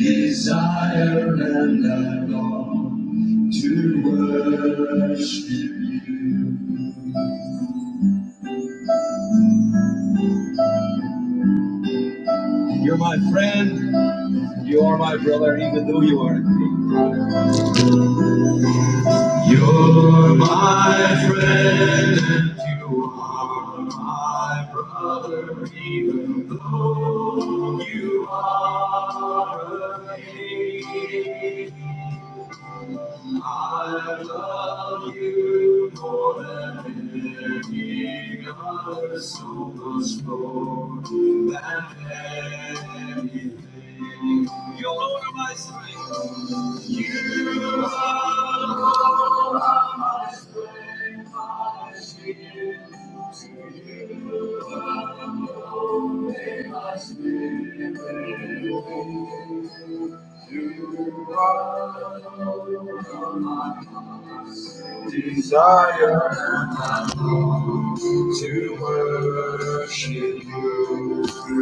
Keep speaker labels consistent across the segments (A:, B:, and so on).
A: Desire and I long to worship you. You're my friend, you are my brother, even though you are. a thief. You're my friend, and you are my brother, even though you are. a thief. I love you more than any other, so much more than anything. You're Lord of my strength. You are Lord of my strength. I give to you alone may my spirit you are my desire to worship you. Do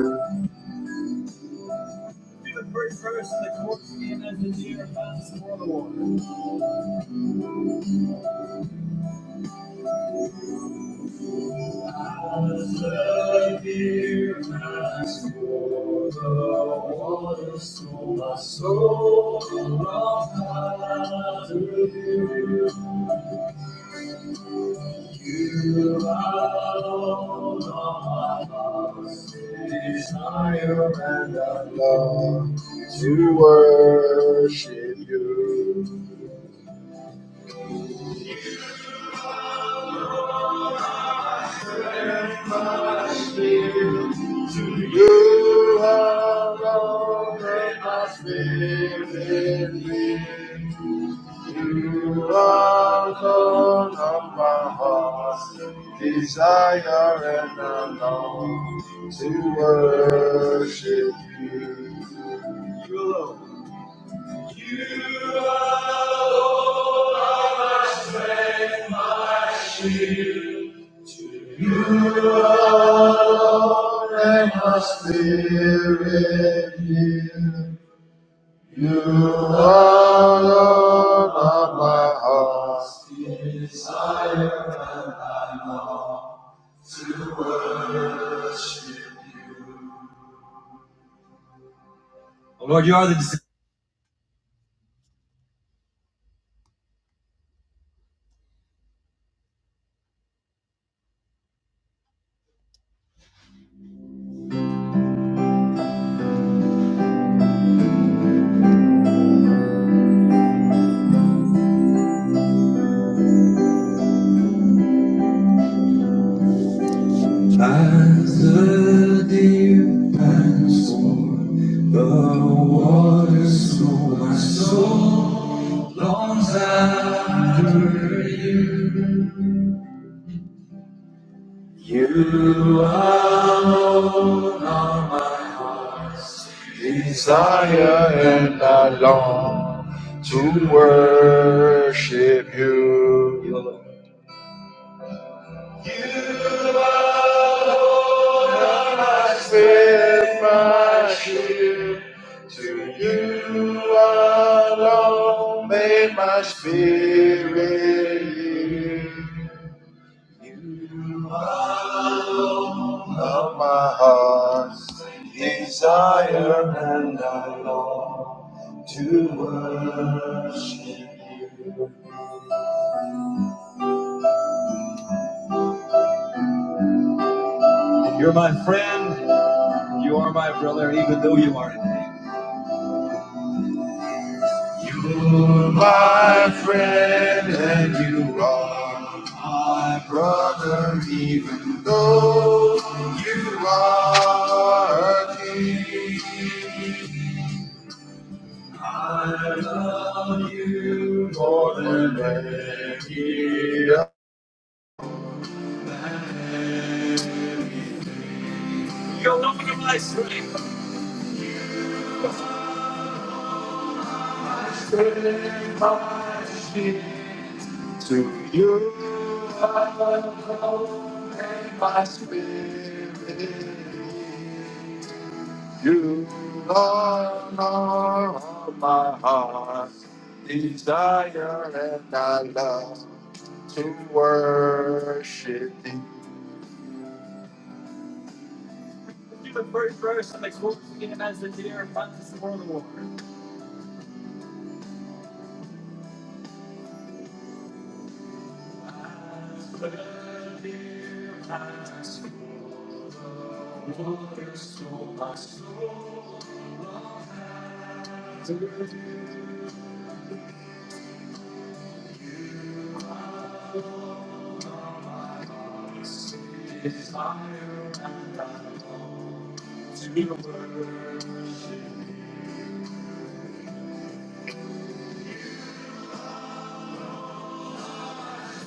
A: the very first verse that works in as the deer pants for the water. As the deer pants for the water, so my soul loves after you. You alone are my desire and I love to worship you. To You alone make my spirit live. You alone of my heart, desire and I long to worship you. You alone. You alone. To You alone make my spirit live. You are Lord of my heart's desire, and I long to worship You. Lord, you are the desire. As the deep pants for the waters, so my soul longs after you alone are Lord of my heart. Desire and I long to worship you. You alone I spend my shield. To you alone may my spirit yield. You alone of my heart's desire, and I long to worship you. You're my friend, you are my brother, even though you are in pain. You're my friend, and you are my brother, even though you are a king. I love you more than any other. Save my spirit to you. I come and my spirit. You are all my heart, desire and I love to worship thee. Do the first verse and like what we can as the deer runs for the water. The the deer pants for the water, my my soul. to and I long to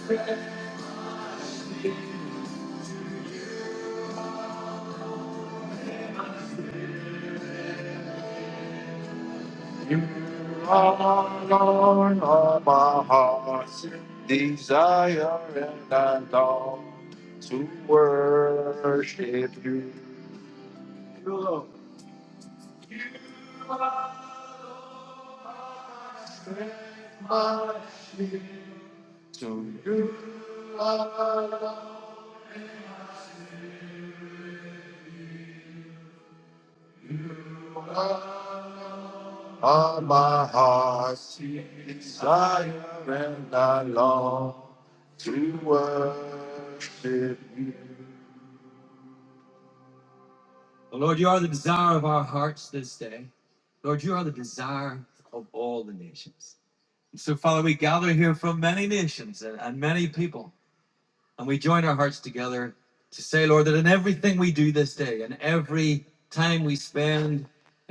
A: worship. you. You are Lord of my heart's desire, and I long to worship you. You are my shield. To you alone are my heart's desire, and I long to worship you. Lord, you are the desire of our hearts this day. Lord, you are the desire of all the nations. And So, Father, we gather here from many nations and, and many people, and we join our hearts together to say, Lord, that in everything we do this day, in every time we spend,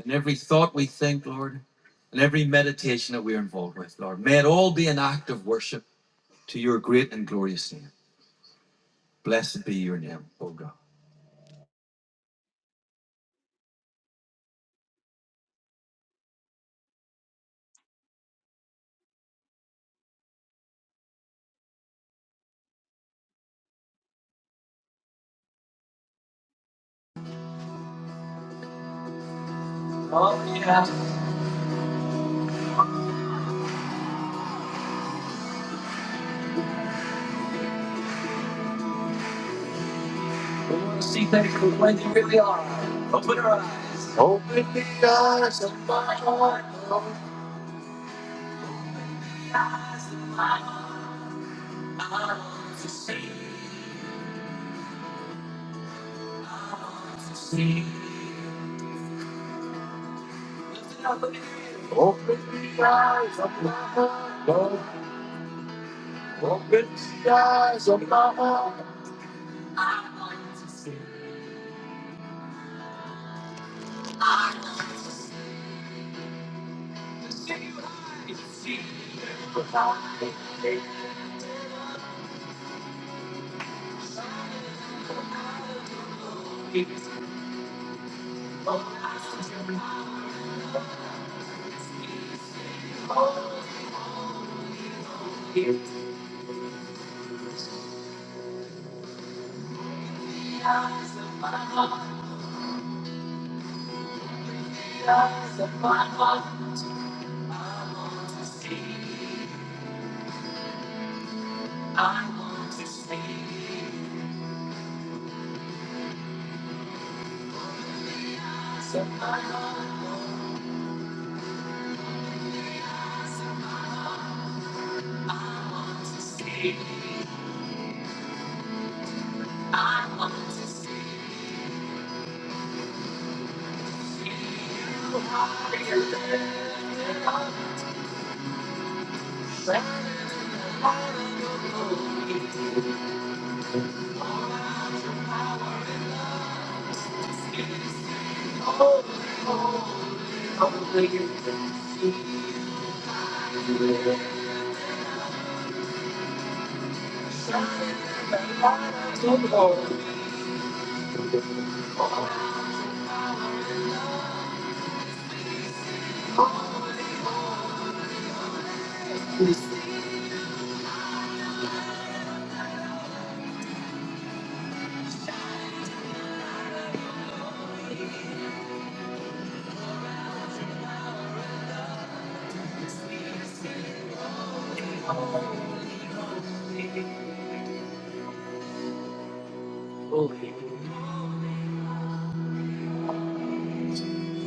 A: in every thought we think, Lord, and every meditation that we're involved with, Lord, may it all be an act of worship to your great and glorious name. Blessed be your name, O God. Well, yeah, see thank you. Thank you. Open your eyes. Open the eyes of my heart, Lord, to see. see. Lift it up again. Open the eyes of my heart, Lord. Open the eyes of my heart. The eyes of my heart, the eyes of my heart. I want to see. I want to see. Eyes of my heart, Lord. Eyes of my heart. I want to see. I want to see.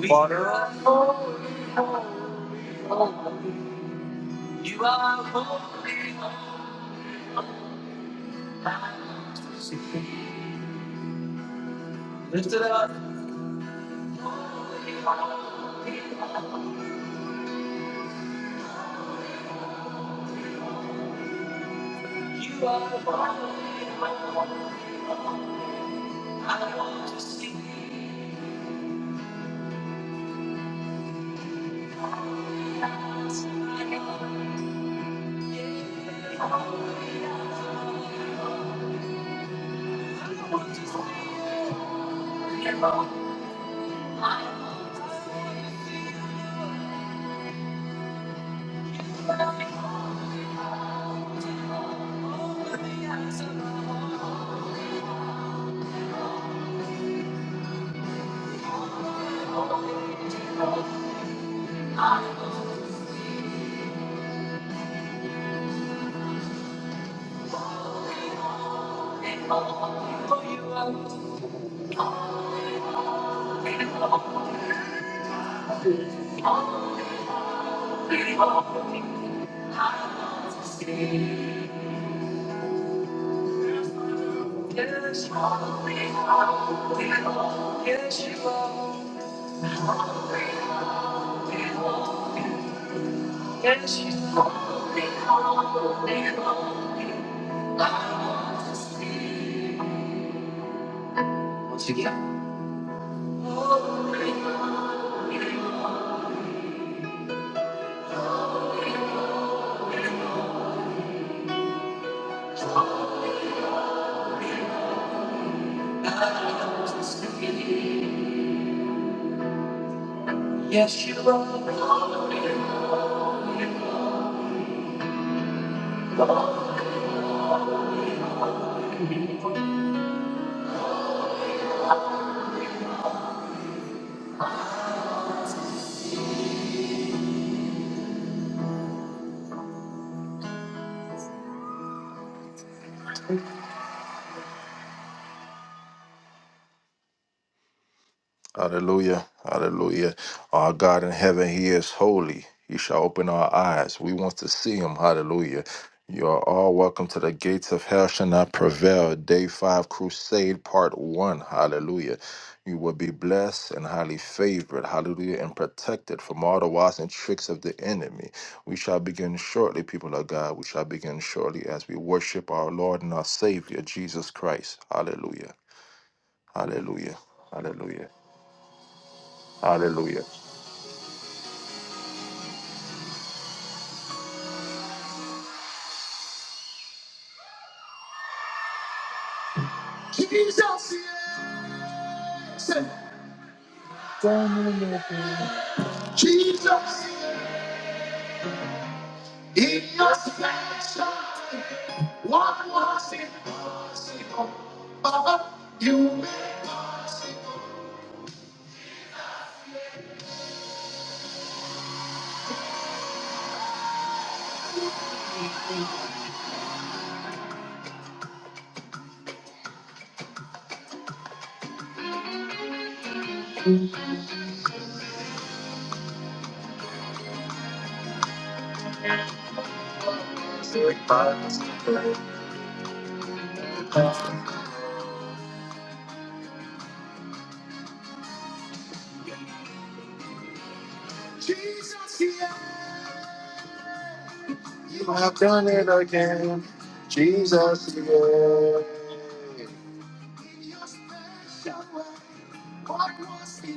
A: Water of holy, holy, you are holy. Lift it up, you are holy. holy. I want to see it all. For you are. Yes, you are. We are. We are. Yes, you are. We are. Yes, you are. We are. We are. Once again. Yes, you are. Hallelujah. Hallelujah. Our God in heaven, He is holy. He shall open our eyes. We want to see Him. Hallelujah. You are all welcome to the gates of hell shall not prevail. Day five crusade, part one. Hallelujah. You will be blessed and highly favored. Hallelujah. And protected from all the wiles and tricks of the enemy. We shall begin shortly, people of God. We shall begin shortly as we worship our Lord and our Savior, Jesus Christ. Hallelujah. Hallelujah. Hallelujah. Hallelujah. Jesus, yeah, you have done it again. Jesus, yeah. In your special way, what was it?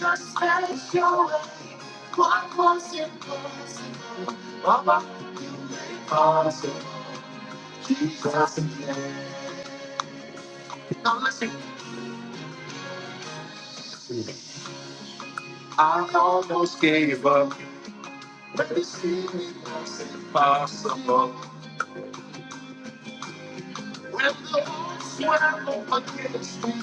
A: Your special way, what was it? Now listen, I almost gave up impossible. When the odds were up against me,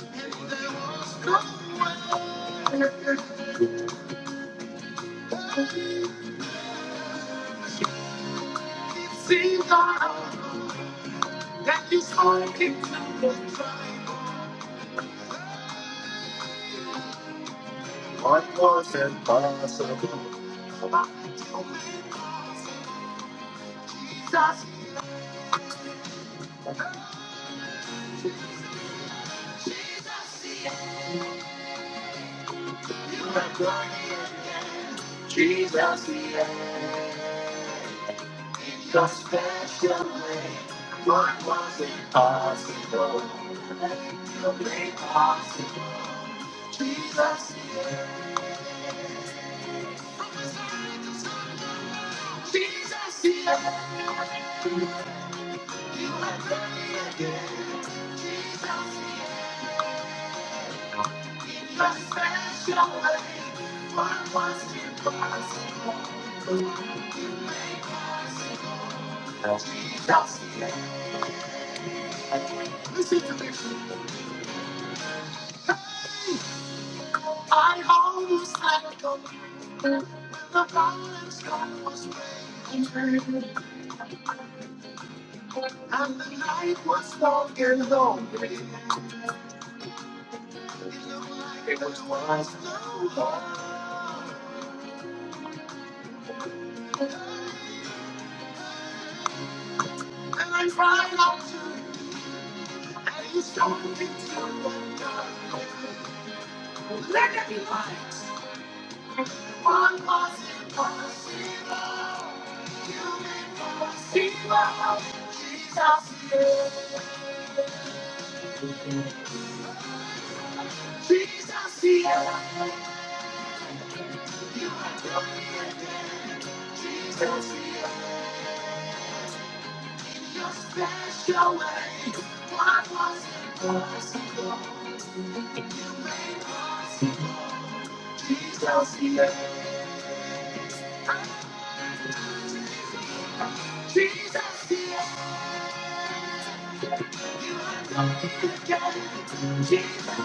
A: and there was no way. It seemed all right that you saw it through. What was impossible? Jesus, you are great. Jesus, you are your special way. What was impossible? Made possible? Jesus, you are- Jesus, you are- you are great. again. Jesus, you are- Just as your way, was impossible, you made possible. Just Listen to me. I almost let go when the violence God was raging, and the night was long and lonely. It looked like there was no hope, and I cried out to you. Are you starting to wonder? Let there be light. One was impossible. You made possible. Jesus here. Jesus here. You are doing it. Jesus here. In your special way. One was impossible. You made possible. Jesus here. Jesus here. You get it. Jesus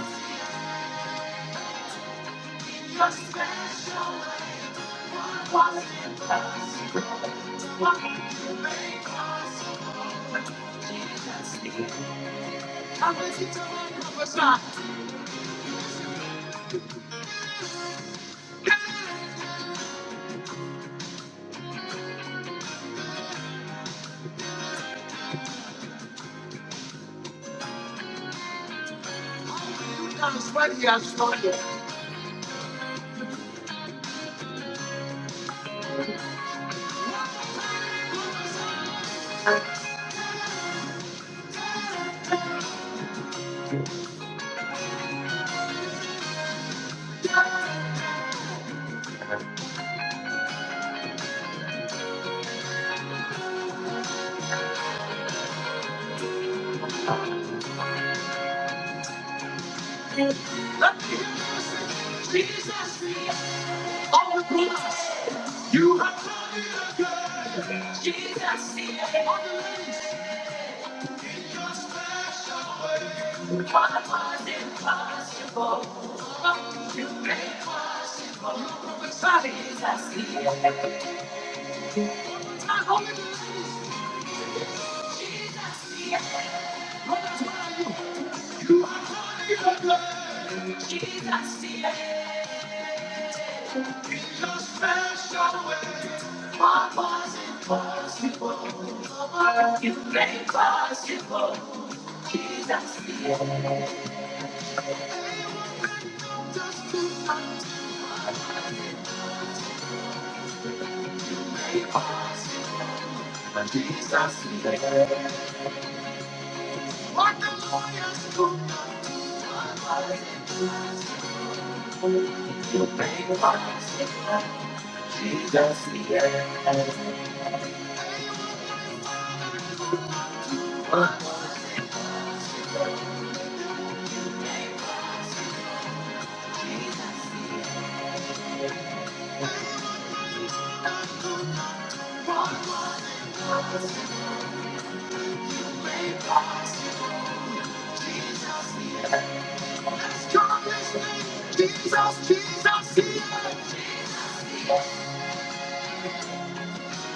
A: Your special quality makes it possible. I'm listening to every word, every word He has spoken. Let me see, Jesus, the only one. You, have done it good. Jesus, the only one. What was impossible, What You made possible. Somebody see it. Jesus, in your special way, What was impossible, You made possible. Jesus, the impossible, As strong as me, Jesus, Jesus. the impossible.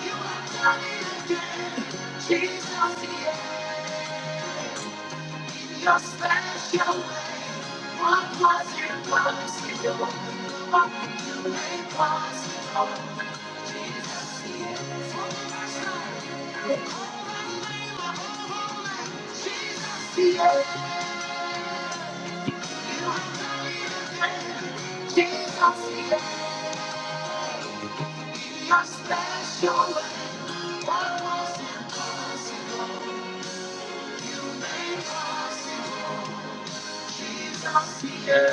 A: You have done it again, Jesus. The end. Your special way, what was impossible, what you made possible. Jesus, the end. For my life, you've been my whole, whole life. Jesus, the end. You have done it again, Jesus. The end. Your special way, what was impossible, made possible. Jesus, the end.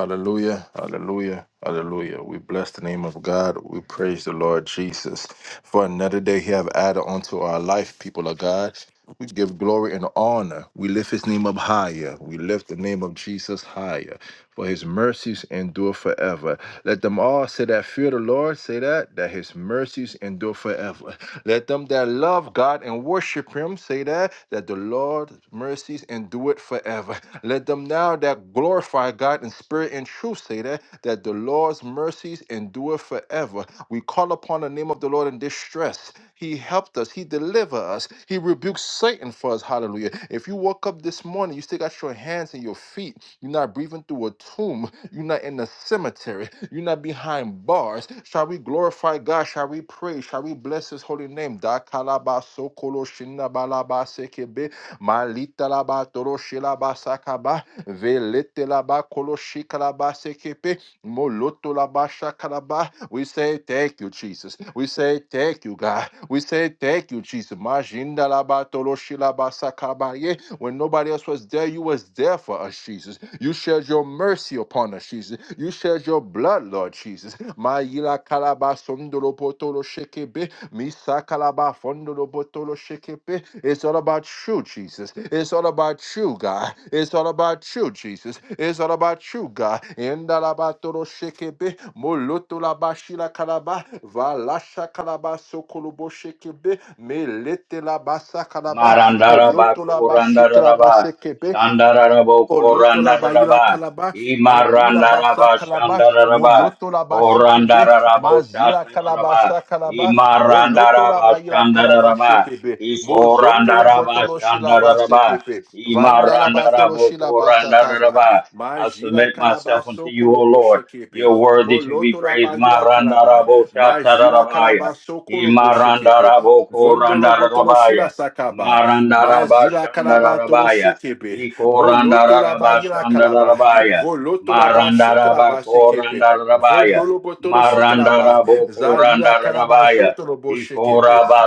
A: Hallelujah, hallelujah, hallelujah. We bless the name of God. We praise the Lord Jesus. For another day he have added unto our life, people of God. We give glory and honor. We lift his name up higher. We lift the name of Jesus higher. For his mercies endure forever. Let them all say that fear the Lord, say that, that his mercies endure forever forever. Let them that love God and worship Him say that, that the Lord's mercies endure it forever. Let them now that glorify God in spirit and truth say that, that the Lord's mercies endure forever. We call upon the name of the Lord in distress. He helped us. He delivered us. He rebuked Satan for us. Hallelujah. If you woke up this morning, you still got your hands and your feet. You're not breathing through a tomb. You're not in a cemetery. You're not behind bars. Shall we glorify God? Shall we pray? Shall we bless His holy name? Da kalaba sokolo shinda balaba sekebe malita laba toro shilaba sakaba velete laba kolo shikalaba sekepe moloto laba shakalaba. We say thank you, Jesus. We say thank you, God. We say thank you, Jesus. Majinda laba toro shilaba sakaba ye when nobody else was there, you was there for us, Jesus. You shed your mercy upon us, Jesus. You shed your blood, Lord Jesus. Ma yila kalaba sondolo potolo shekebe, misa kalaba fondolo potolo shekebe. It's all about you, Jesus. It's all about you, God. It's all about you, Jesus. It's all about you, God. Endalabatolo shekebe, moloto labashila kalaba, valasha kalaba sokolobo shekebe, melete labasa kalaba.
B: Marandaraba
A: Polotola bashikla
B: Korandaraba
A: basekebe
B: Shandarabo
A: Moloto la baila
B: Korandaraba
A: calaba, Madila basa
B: Imarandaraba
A: calaba,
B: Shandaraba
A: Moloto la bashikebe,
B: Korandarabo
A: Mazila
B: Shataraba
A: calabasha calaba, Moloto la
B: Imarandaraba
A: baila calaba
B: Shandaraba
A: shekebe, Mozondolo
B: Ikorandaraba
A: botolo shilaba
B: Shandaraba
A: sekepe, Vanda la batolo
B: Imarandarabo
A: shilaba sataba,
B: Korandaraba I
A: Majila
B: submit
A: calaba
B: myself unto you, O
A: sokolo
B: Lord.
A: boshekepe,
B: You're worthy to be
A: Moloto la
B: praised.
A: baila calaba,
B: Marandarabo
A: Majila
B: Shatarabaya
A: calaba sokolo boshekepe,
B: Imarandarabo
A: Vondolo botolo shila
B: Korandarabaya
A: sakaba, Mazila calaba tolo
B: Marandarabashandarabaya.
A: shekebe, Moloto la ba ila
B: Ikorandarabashandarabaya.
A: Voloto la ba shikalaba sekepe.
B: Marandarabakorandarabaya.
A: Vodolo botolo shikalaba. Zalila kalaba
B: Marandarabokorandarabaya.
A: sotolo bo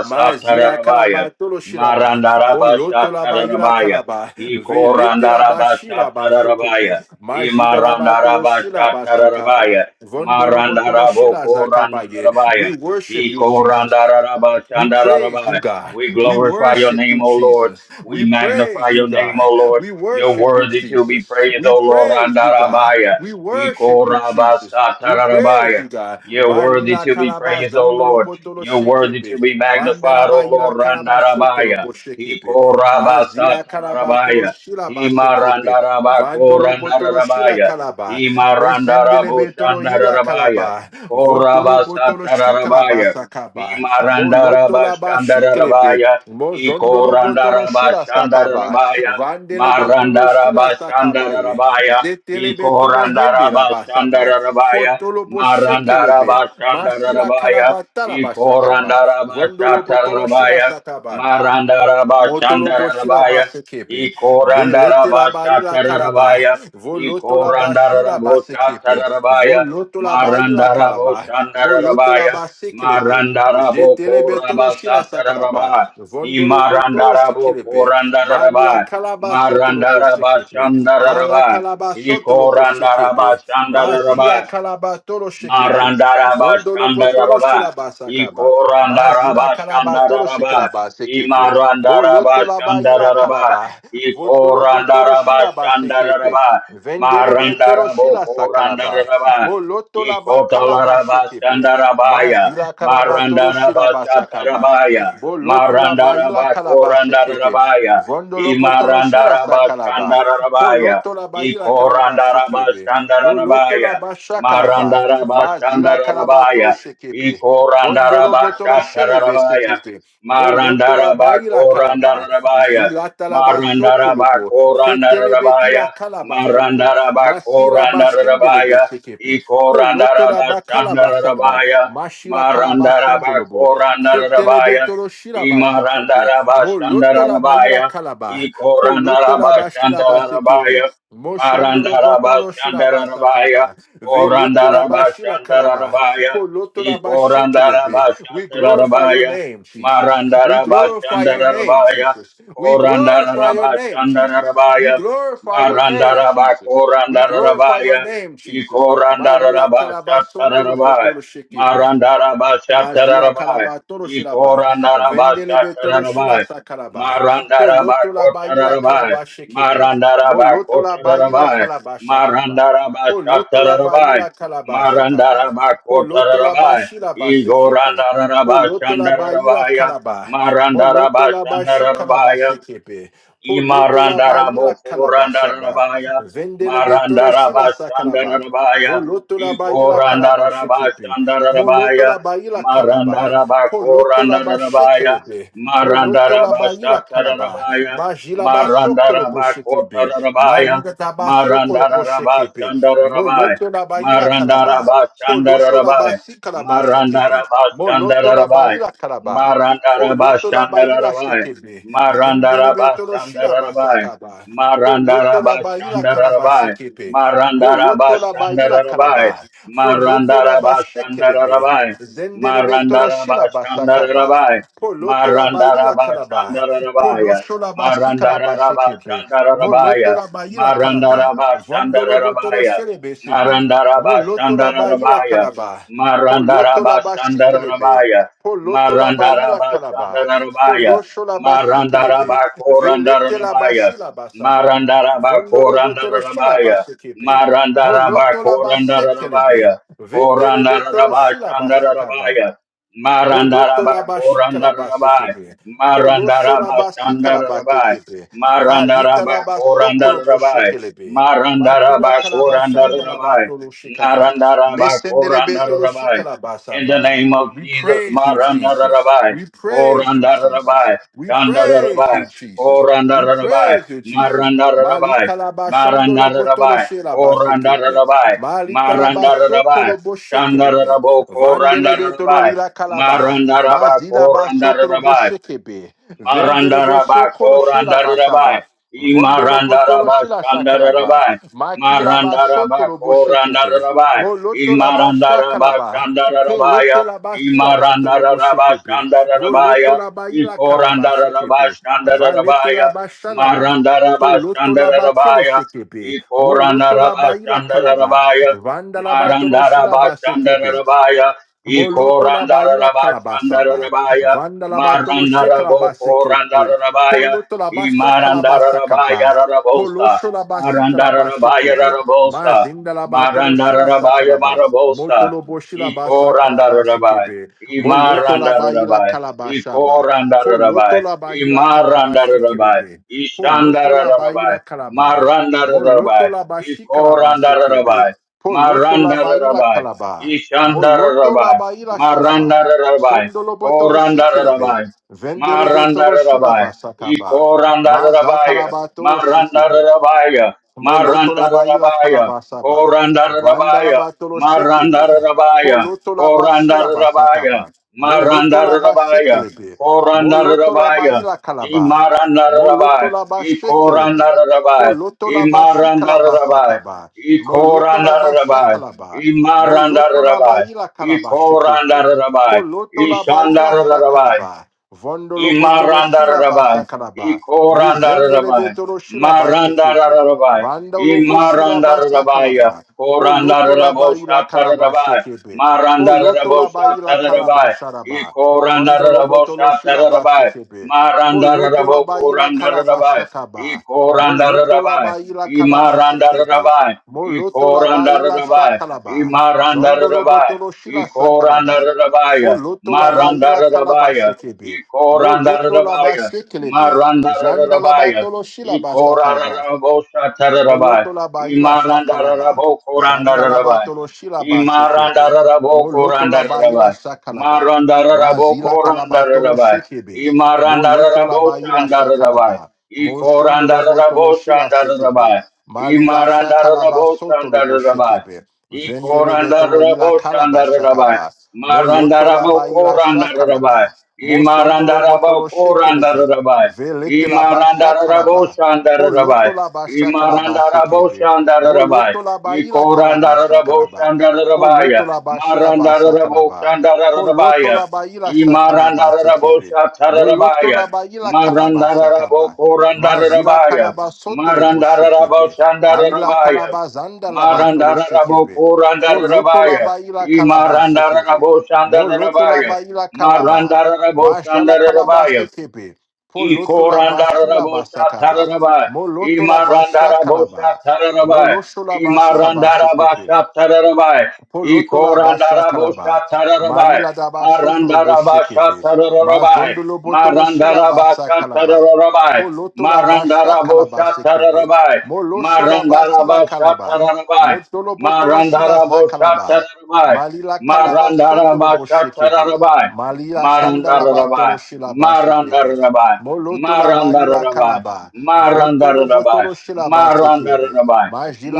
A: Mazila kalaba tolo shiraba. Moloto la ba ila
B: Marandarabashatarabaya.
A: Velete la ba shiraba sokopo.
B: Ikorandarabashatarabaya.
A: Majida la ba shiraba sakaba.
B: Imarandarabashatarabaya.
A: Vondolo botolo shila zakabaye.
B: Marandarabokorandarabaya.
A: We worship you, Jesus. We praise
B: Ikorandarabashandarabaya.
A: you, God.
B: We
A: We
B: glorify your
A: worship
B: name,
A: you,
B: O Lord.
A: Jesus.
B: We
A: We praise
B: magnify
A: you,
B: your name,
A: God.
B: O Lord.
A: We
B: You're
A: worship you,
B: worthy to be
A: Jesus.
B: praised,
A: We
B: O Lord.
A: praise you, God.
B: Randarabaya.
A: We worship you, Jesus. We praise
B: Ikorabasatarabaya.
A: you, God.
B: You're worthy
A: Malila
B: to be
A: kalaba
B: praised, O
A: zondolo
B: Lord.
A: potolo
B: You're worthy to
A: shekebe.
B: be
A: Vandala
B: magnified,
A: ba
B: O
A: ila
B: Lord.
A: kalaba sotolo
B: Randarabaya.
A: bo shekebe. Mazila kalaba tolo
B: Ikorabasatarabaya.
A: shilaba sekepe. Vandolo potolo shila
B: Imarandarabaya.
A: kalaba. Mesendelebe tolo ila
B: Imarandarabushandarabaya.
A: kalaba. Votolo potolo shikalaba
B: Korabasatarabaya.
A: sakaba. Moloto la bashiklebe.
B: Marandarabashandarabaya,
A: Mozondolo botolo shila sakaba.
B: Ikorandarabashandarabaya,
A: Vandele betolo shila sakabaye.
B: Marandarabashandarabaya,
A: Zetele betolo hende la basaba.
B: Ikorandarabashandarabaya,
A: Fotolo boshekelebe. Marsila
B: Marandarabashandarabaya,
A: kalabata la basakaba. Vondolo botolo shila
B: Ikorandarabashatarabaya,
A: sakaba. Motolo boshila
B: Marandarabashandarabaya,
A: basekepe, velete la barila calaba,
B: Ikorandarabashatarabaya,
A: voloto la bashila basekepe,
B: Ikorandaraboshatarabaya,
A: voloto la barila calaba, moloto la
B: Marandaraboshandarabaya,
A: basekelebe, jetele betolo shila sakalaba,
B: Marandarabokorabasatarabaya,
A: vondolo potolo shikilebe, barila
B: Imarandarabokorandarabaya,
A: calaba sotolo boshekepe, ala
B: Marandarabashandarabaya,
A: calaba sotolo boshekepe, mazila
B: Ikorandarabashandarabaya,
A: calaba tolo shekepe,
B: Marandaraba
A: vondolo potolo
B: Shandaraba,
A: shila basakaba, Mazila
B: Ikorandaraba
A: karaba toro
B: Shandaraba,
A: shikaraba sekepe. Moloto
B: Imarandaraba
A: laba ila
B: Shandaraba,
A: karaba. Votoro potoro
B: Ikorandaraba
A: shiraba sekepe.
B: Shandaraba,
A: Vendelebe toro
B: Marandarabo
A: shila sakaraba.
B: Korandaraba,
A: Moloto laba kalaba shekepe.
B: Ikotalarabashandarabaya,
A: Mazila karaba toro shiraba sakaba.
B: Marandarabashatarabaya,
A: Boloto laba ila karaba sekepe.
B: Marandarabakorandarabaya,
A: Vondolo potoro shila sakaraba.
B: Imarandarabashandarabaya,
A: Poloto laba ila karaba shekepe. Moloto
B: Ikorandarabashandarabaya,
A: laba shakaraba. Mazila karaba
B: Marandarabashandarabaya,
A: toro shekepe. Vondolo potolo shele
B: Ikorandarabashatarabaya,
A: besekepe. Moloto la
B: Marandara
A: baila kalaba.
B: Bakorandarabaya,
A: Jilata la baso
B: Marandara
A: kolopo Fetele beti
B: Bakorandarabaya,
A: la kalabasoto.
B: Marandara
A: Masila bashendele
B: Bakorandarabaya,
A: besekepe.
B: Ikorandara
A: Poloto la ba bakalabasadba.
B: Bashandarabaya,
A: Mashila
B: Marandara
A: kalabasondolobo. Fetele
B: Bakorandarabaya,
A: betolo shila basekepe.
B: Imarandara
A: Moloto la baila
B: Bashandarabaya,
A: kalaba.
B: Ikorandara
A: Poloto la bashila
B: Marandarabakorandarabaya.
A: basekepe. Moshondolo potolo shila
B: Marandarabakorandarabaya. Marandarabakorandarabaya. Ikorandarabashandarabaya.
A: basakaba. Velete la bashila kalaba.
B: Marandarabakorandarabaya. Imarandarabashandarabaya. Ikorandarabashandarabaya. Marandarabashandarabaya. Korandarabashandarabaya.
A: Polotolabashikelebe. We glorify your
B: Ikorandarabashandarabaya.
A: name, Jesus. We
B: Marandara
A: glorify your
B: Bashandara
A: name,
B: rabaya,
A: Jesus. We
B: Korandara
A: glorify your name,
B: Rabashandara
A: Jesus. You
B: rabaya,
A: glorify your name,
B: Marandara
A: Jesus. We
B: Bakorandara
A: glorify your
B: rabaya,
A: name, Jesus.
B: Ikorandara
A: Malila
B: Rabashatara
A: kalabasonto
B: rabaya,
A: lo
B: Marandarabashandarabaya,
A: Mazila
B: Korandarabashandarabaya, Marandarabakorandarabaya,
A: kalaba toro shilaba,
B: Ikorandarabashatarabaya, Marandarabashatarabaya,
A: vendelebe toro shila
B: rabaya.
A: sakalaba, poloto la baila
B: Marandarabakotararabai.
A: kalaba shekebe, moloto la baila
B: Marandarabakotararabai.
A: kalaba shakaba, poloto la
B: Marandarabashatarabai.
A: baila kalaba sakaba, poloto la
B: Marandarabakotararabai.
A: bashila basekepe, poloto la baila
B: Igorandarabashandarabaya.
A: kalaba, moloto la bashi kalaba
B: Marandarabashandarabaya.
A: sekepe, poloto la baila kalaba shaba,
B: Imarandarabaya,
A: vendelebe toro shila sakalaba,
B: Marandarabashandarabaya,
A: voloto la baila kalaba shekepe. Moloto
B: Ikorandarabashandarabaya,
A: la baila calaba. Poloto la ba
B: Marandarabakorandarabaya,
A: shekelebe. Moloto la baila calaba.
B: Marandarabashatarabaya,
A: Majila ba sokolobo shekebe.
B: Marandarabakotarabaya,
A: Malida tabaso sokolobo shekebe.
B: Marandarabashandarabaya, Marandarabashandarabaya,
A: Moloto la baila calaba. Polosho la ba
B: Marandarabashandarabaya,
A: si calaba shekebe. Moloto la baila calaba. Poloto la baila
B: Marandarabashandarabaya,
A: shekebe. Zendelebe tolo shiraba
B: Marandarabashandarabai.
A: sakaba. Poloto la baila calaba
B: Marandarabashandarabai.
A: shekebe. Moloto la baila
B: Marandarabashandarabai.
A: calaba. Polotola ba shekelebe.
B: Marandarabashandarabai.
A: Zendelebe tolo shilaba sakaba.
B: Marandarabashandarabai.
A: Polotola ba yila kalaba.
B: Marandarabashandarabaya.
A: Poloshola ba sikalaba shekebe.
B: Marandarabashandarabaya.
A: Molotola ba yila kalaba. Vondolo botolo
B: Marandarabashandarabaya.
A: shelebe sebe. Molotola ba yila
B: Marandarabashandarabaya.
A: kalaba. Polotola ba shikelebe.
B: Marandarabashandarabaya.
A: Polotola ba yila kalaba.
B: Marandarabashandarabaya
A: Poloshola ba sikelebe. Velete la ba
B: Marandarabakorandarabaya
A: shilaba saba. Vondolo botolo shilaba
B: Marandarabakorandarabaya
A: sekepe. Moloto la ba
B: Marandarabakorandarabaya
A: sekelebe. Vetelebe tolo shila ba sakaba.
B: Korandarabashandarabaya
A: Moloto la ba shikala ba
B: Marandarabakorandarabaya
A: sekebe.
B: Marandarabashandarabaya
A: Polosho la ba sikala ba tekebe.
B: Marandarabakorandarabaya
A: Malita la
B: Marandarabakorandarabaya Sandarabaya.
A: ba sokolo bo shekelebe. Matila kalabashanda la ba tolo shikaba. Mesendelebe tolo shikala ba
B: In the
A: saba.
B: name of
A: We
B: Jesus,
A: praise you,
B: Maranda
A: Jesus.
B: Rabai,
A: We praise you,
B: Koranda
A: Jesus.
B: Rabai,
A: We
B: Shanda
A: praise you,
B: Rabai,
A: Jesus.
B: Koranda
A: We
B: Rabai,
A: praise you, Jesus.
B: Maranda Rabai,
A: Malika la ba shondolo
B: Maranda
A: botolo
B: Rabai,
A: shela ba
B: Koranda
A: sekepe.
B: Rabai,
A: Malita la ba
B: Maranda Rabai,
A: sokolo bo
B: Shanda
A: shekelebe.
B: Rabo, Koranda
A: Vandelebe tolo
B: Rabai,
A: lila kalaba.
B: Maranda Rabai,
A: Mazila ba
B: Koranda
A: sotolo bo
B: Rabai,
A: shekebe. Vendelebe
B: Marandaraba
A: sokolo shela ba
B: korandarabai.
A: saba. Vondolo potolo
B: Imarandaraba
A: shila sakalaba.
B: shandarabai.
A: Makila ba
B: Marandaraba
A: sotolo bo shekepe.
B: korandarabai.
A: Moloto la ba
B: Imarandaraba
A: shakalaba.
B: shandarabaya.
A: Pelete la ba silaba tolobo
B: Imarandaraba
A: shekebe.
B: shandarabaya.
A: Moloto la ba kalaba
B: Ikorandaraba
A: shekebe. Valete
B: shandarabaya.
A: la ba shalaba.
B: Marandaraba
A: Poloto la ba
B: shandarabaya.
A: shekebe. Moloto la
B: Ikorandaraba
A: ba kalaba.
B: shandarabaya.
A: Vanda la ba tolo
B: Marandara
A: shilaba
B: Bashandara
A: sekebe.
B: rabaya. Iko
A: Moloto la
B: Randara
A: baila
B: Rabashandara
A: calabasaba.
B: rabaya.
A: Vanda la batolo she
B: Marandara Boko Randara rabaya.
A: Poloto la
B: I
A: basha calabasakaba.
B: Marandarabashandarabaya, rabaya
A: Polosho la basita la
B: Marandarabokorandarabaya, Imarandarabaya
A: bashekebe.
B: rabaya
A: Mazinda la batolo
B: Marandarabaya Rarabosa,
A: shila
B: rabaya
A: sakalaba.
B: Marabosa,
A: Motolo boshila basa
B: rabai, rabai,
A: kalabasekebe.
B: Ima
A: Moloto
B: randa
A: la baila
B: rabai, Iko
A: calabashaba.
B: randa
A: Poloto
B: rabai,
A: la baila
B: Ima randa rabai,
A: calabashekelebe.
B: Ishanda
A: Poloto la baila
B: rabai.
A: calaba.
B: Maranda
A: Moloto la
B: Ikorandararabai.
A: bashi kalabasekebe.
B: Imarandararabai.
A: Poloto la
B: rabai, Maranda
A: baila
B: rabai,
A: calaba.
B: Ishanda
A: Moloto la
B: rabai,
A: ila
B: Maranda
A: sharaba.
B: rabai,
A: Sondolo botolo
B: Koranda
A: shekerebe.
B: rabai.
A: Vendelebe tolo
B: Marandarabai.
A: shiraba sakaba. Maza
B: Ikorandarabaya.
A: kalaba tolo shekebe.
B: Marandarabaya.
A: Molotola baila
B: Marandarabaya.
A: calabasaba. Vandala
B: Korandarabaya.
A: batolo shekebe.
B: Marandarabaya.
A: Polotola bashila
B: Korandarabaya.
A: basakaba. Molotola
B: Marandarabaya.
A: bashekelebe. Molotola
B: Korandarabaya.
A: baila calaba.
B: Imarandarabai.
A: Molotola bashekelebe.
B: Ikorandarabai.
A: Polotola
B: Imarandarabai.
A: bashikalabasakaba. Molotola
B: Ikorandarabai.
A: bashakalaba. Molotola
B: Imarandarabai.
A: baila calaba shekebe.
B: Ikorandarabai.
A: Polotola baila
B: Ishandarabai.
A: shakalaba. Vondolo botolo shila
B: Imarandarabai.
A: basakalaba. Mezendelebe
B: Ikorandarabai.
A: tolo shila basekebe.
B: Marandarabai.
A: Vandalo Vandalobo shilaba
B: Imarandarabaya.
A: kalaba. Poloto laba ila kalaba
B: Korandaraboshatarabai.
A: shekebe. Poloto laba ila kalaba
B: Marandaraboshatarabai.
A: sharaba. Vandalobo tolo shilaba
B: Ikorandaraboshatarabai.
A: sekebe. Poloto laba ila kalaba
B: Marandarabokorandarabai.
A: shakaba. Moloto
B: Ikorandarabai.
A: laba ila kalaba shekebe.
B: Imarandarabai.
A: Moloto laba ila
B: Ikorandarabai.
A: shakalaba. Zondolobo
B: Imarandarabai.
A: botolo shila sakalaba.
B: Ikorandarabai.
A: Poloto laba ila kalaba
B: Marandarabaya.
A: shekebe. Moloto laba
B: Ikorandarabaya,
A: sekelebe. Jandalaba
B: Marandarabaya,
A: tolo shilaba sakaba.
B: Ikoraraboshatarabaya,
A: Moloto la ba ila shakalaba. Zanda la ba
B: Imarandarabokorandarabaya,
A: tolo shilaba sekebe. Moloto la ba ila
B: Imarandarabokorandarabaya,
A: shakalaba. Mazila kalaba tolo
B: Marandarabokorandarabaya,
A: shekebe. Moloto la ba ila
B: Imarandaraboshandarabaya,
A: shakalaba. Moshondo lo botolo shila sekebe.
B: Ikorandaraboshandarabaya,
A: Malila shakalaba soto lo bo
B: Imarandaraboshandarabaya,
A: shekebe. Vendele betolo lila kalaba
B: Ikorandaraboshandarabai.
A: shakaba. Moloto la ba ila
B: Marandarabokorandarabai.
A: shakalaba. Mosondo lo botolo shekelebe.
B: Imarandarabokorandarabai.
A: Velete la ba shakalaba.
B: Imarandaraboshandarabai.
A: Poloto la ba shakala ba sekebe.
B: Imarandaraboshandarabai.
A: Moloto la ba ila kalaba shakala ba.
B: Ikorandaraboshandarabai.
A: Poloto la ba shila ba sakala Poloto
B: Marandaraboshandarabai.
A: la ba ila shakala sekebe. Moloto
B: Imarandaraboshatarabai.
A: la ba ila kalaba shakaba. Mazila
B: Marandarabokorandarabai.
A: kalaba soto lo bo shekebe. Alila
B: Marandaraboshandarabai.
A: kalaba zanda la ba tolo
B: Marandara rabo Marandarabo
A: shekebe. Foloto la
B: Kurandarabaya.
A: ba ila
B: E
A: kalaba
B: Marandarabo
A: shekebe.
B: rabo Marandarabo
A: Moloto la
B: rabaya.
A: ba ila kalaba.
B: Marandara Rabo
A: Majala
B: Shandara
A: kalaba
B: Rabaya,
A: sekebe. Poloto la ba shila
B: Ikorandaraboshatararabai.
A: Moloto la basha kalaba.
B: Imarandaraboshatararabai.
A: Molosho la basi la base kepe.
B: Imarandarabashatararabai.
A: Polotola basha kalaba.
B: Ikorandaraboshatararabai.
A: Marila daba shotolo boshekebe.
B: Marandarabashatararabai.
A: Mazondolo botolo shila basa kalaba.
B: Marandarabashatararabai.
A: Polotola basha kalaba sekebe.
B: Marandaraboshatararabai.
A: Moloshola basila kalaba.
B: Marandarabashatararabai.
A: Motolo botolo shila zakalaba.
B: Marandaraboshatararabai.
A: Malila kalaba sotolo boshekebe.
B: Marandarabashatararabai.
A: Malila shandala
B: Marandarabai,
A: batolo shila basekebe.
B: Marandarabai,
A: Molotola baila
B: Marandarabai,
A: kalaba. Votolo
B: Marandarabai,
A: botolo shila basekebe.
B: Marandarabai,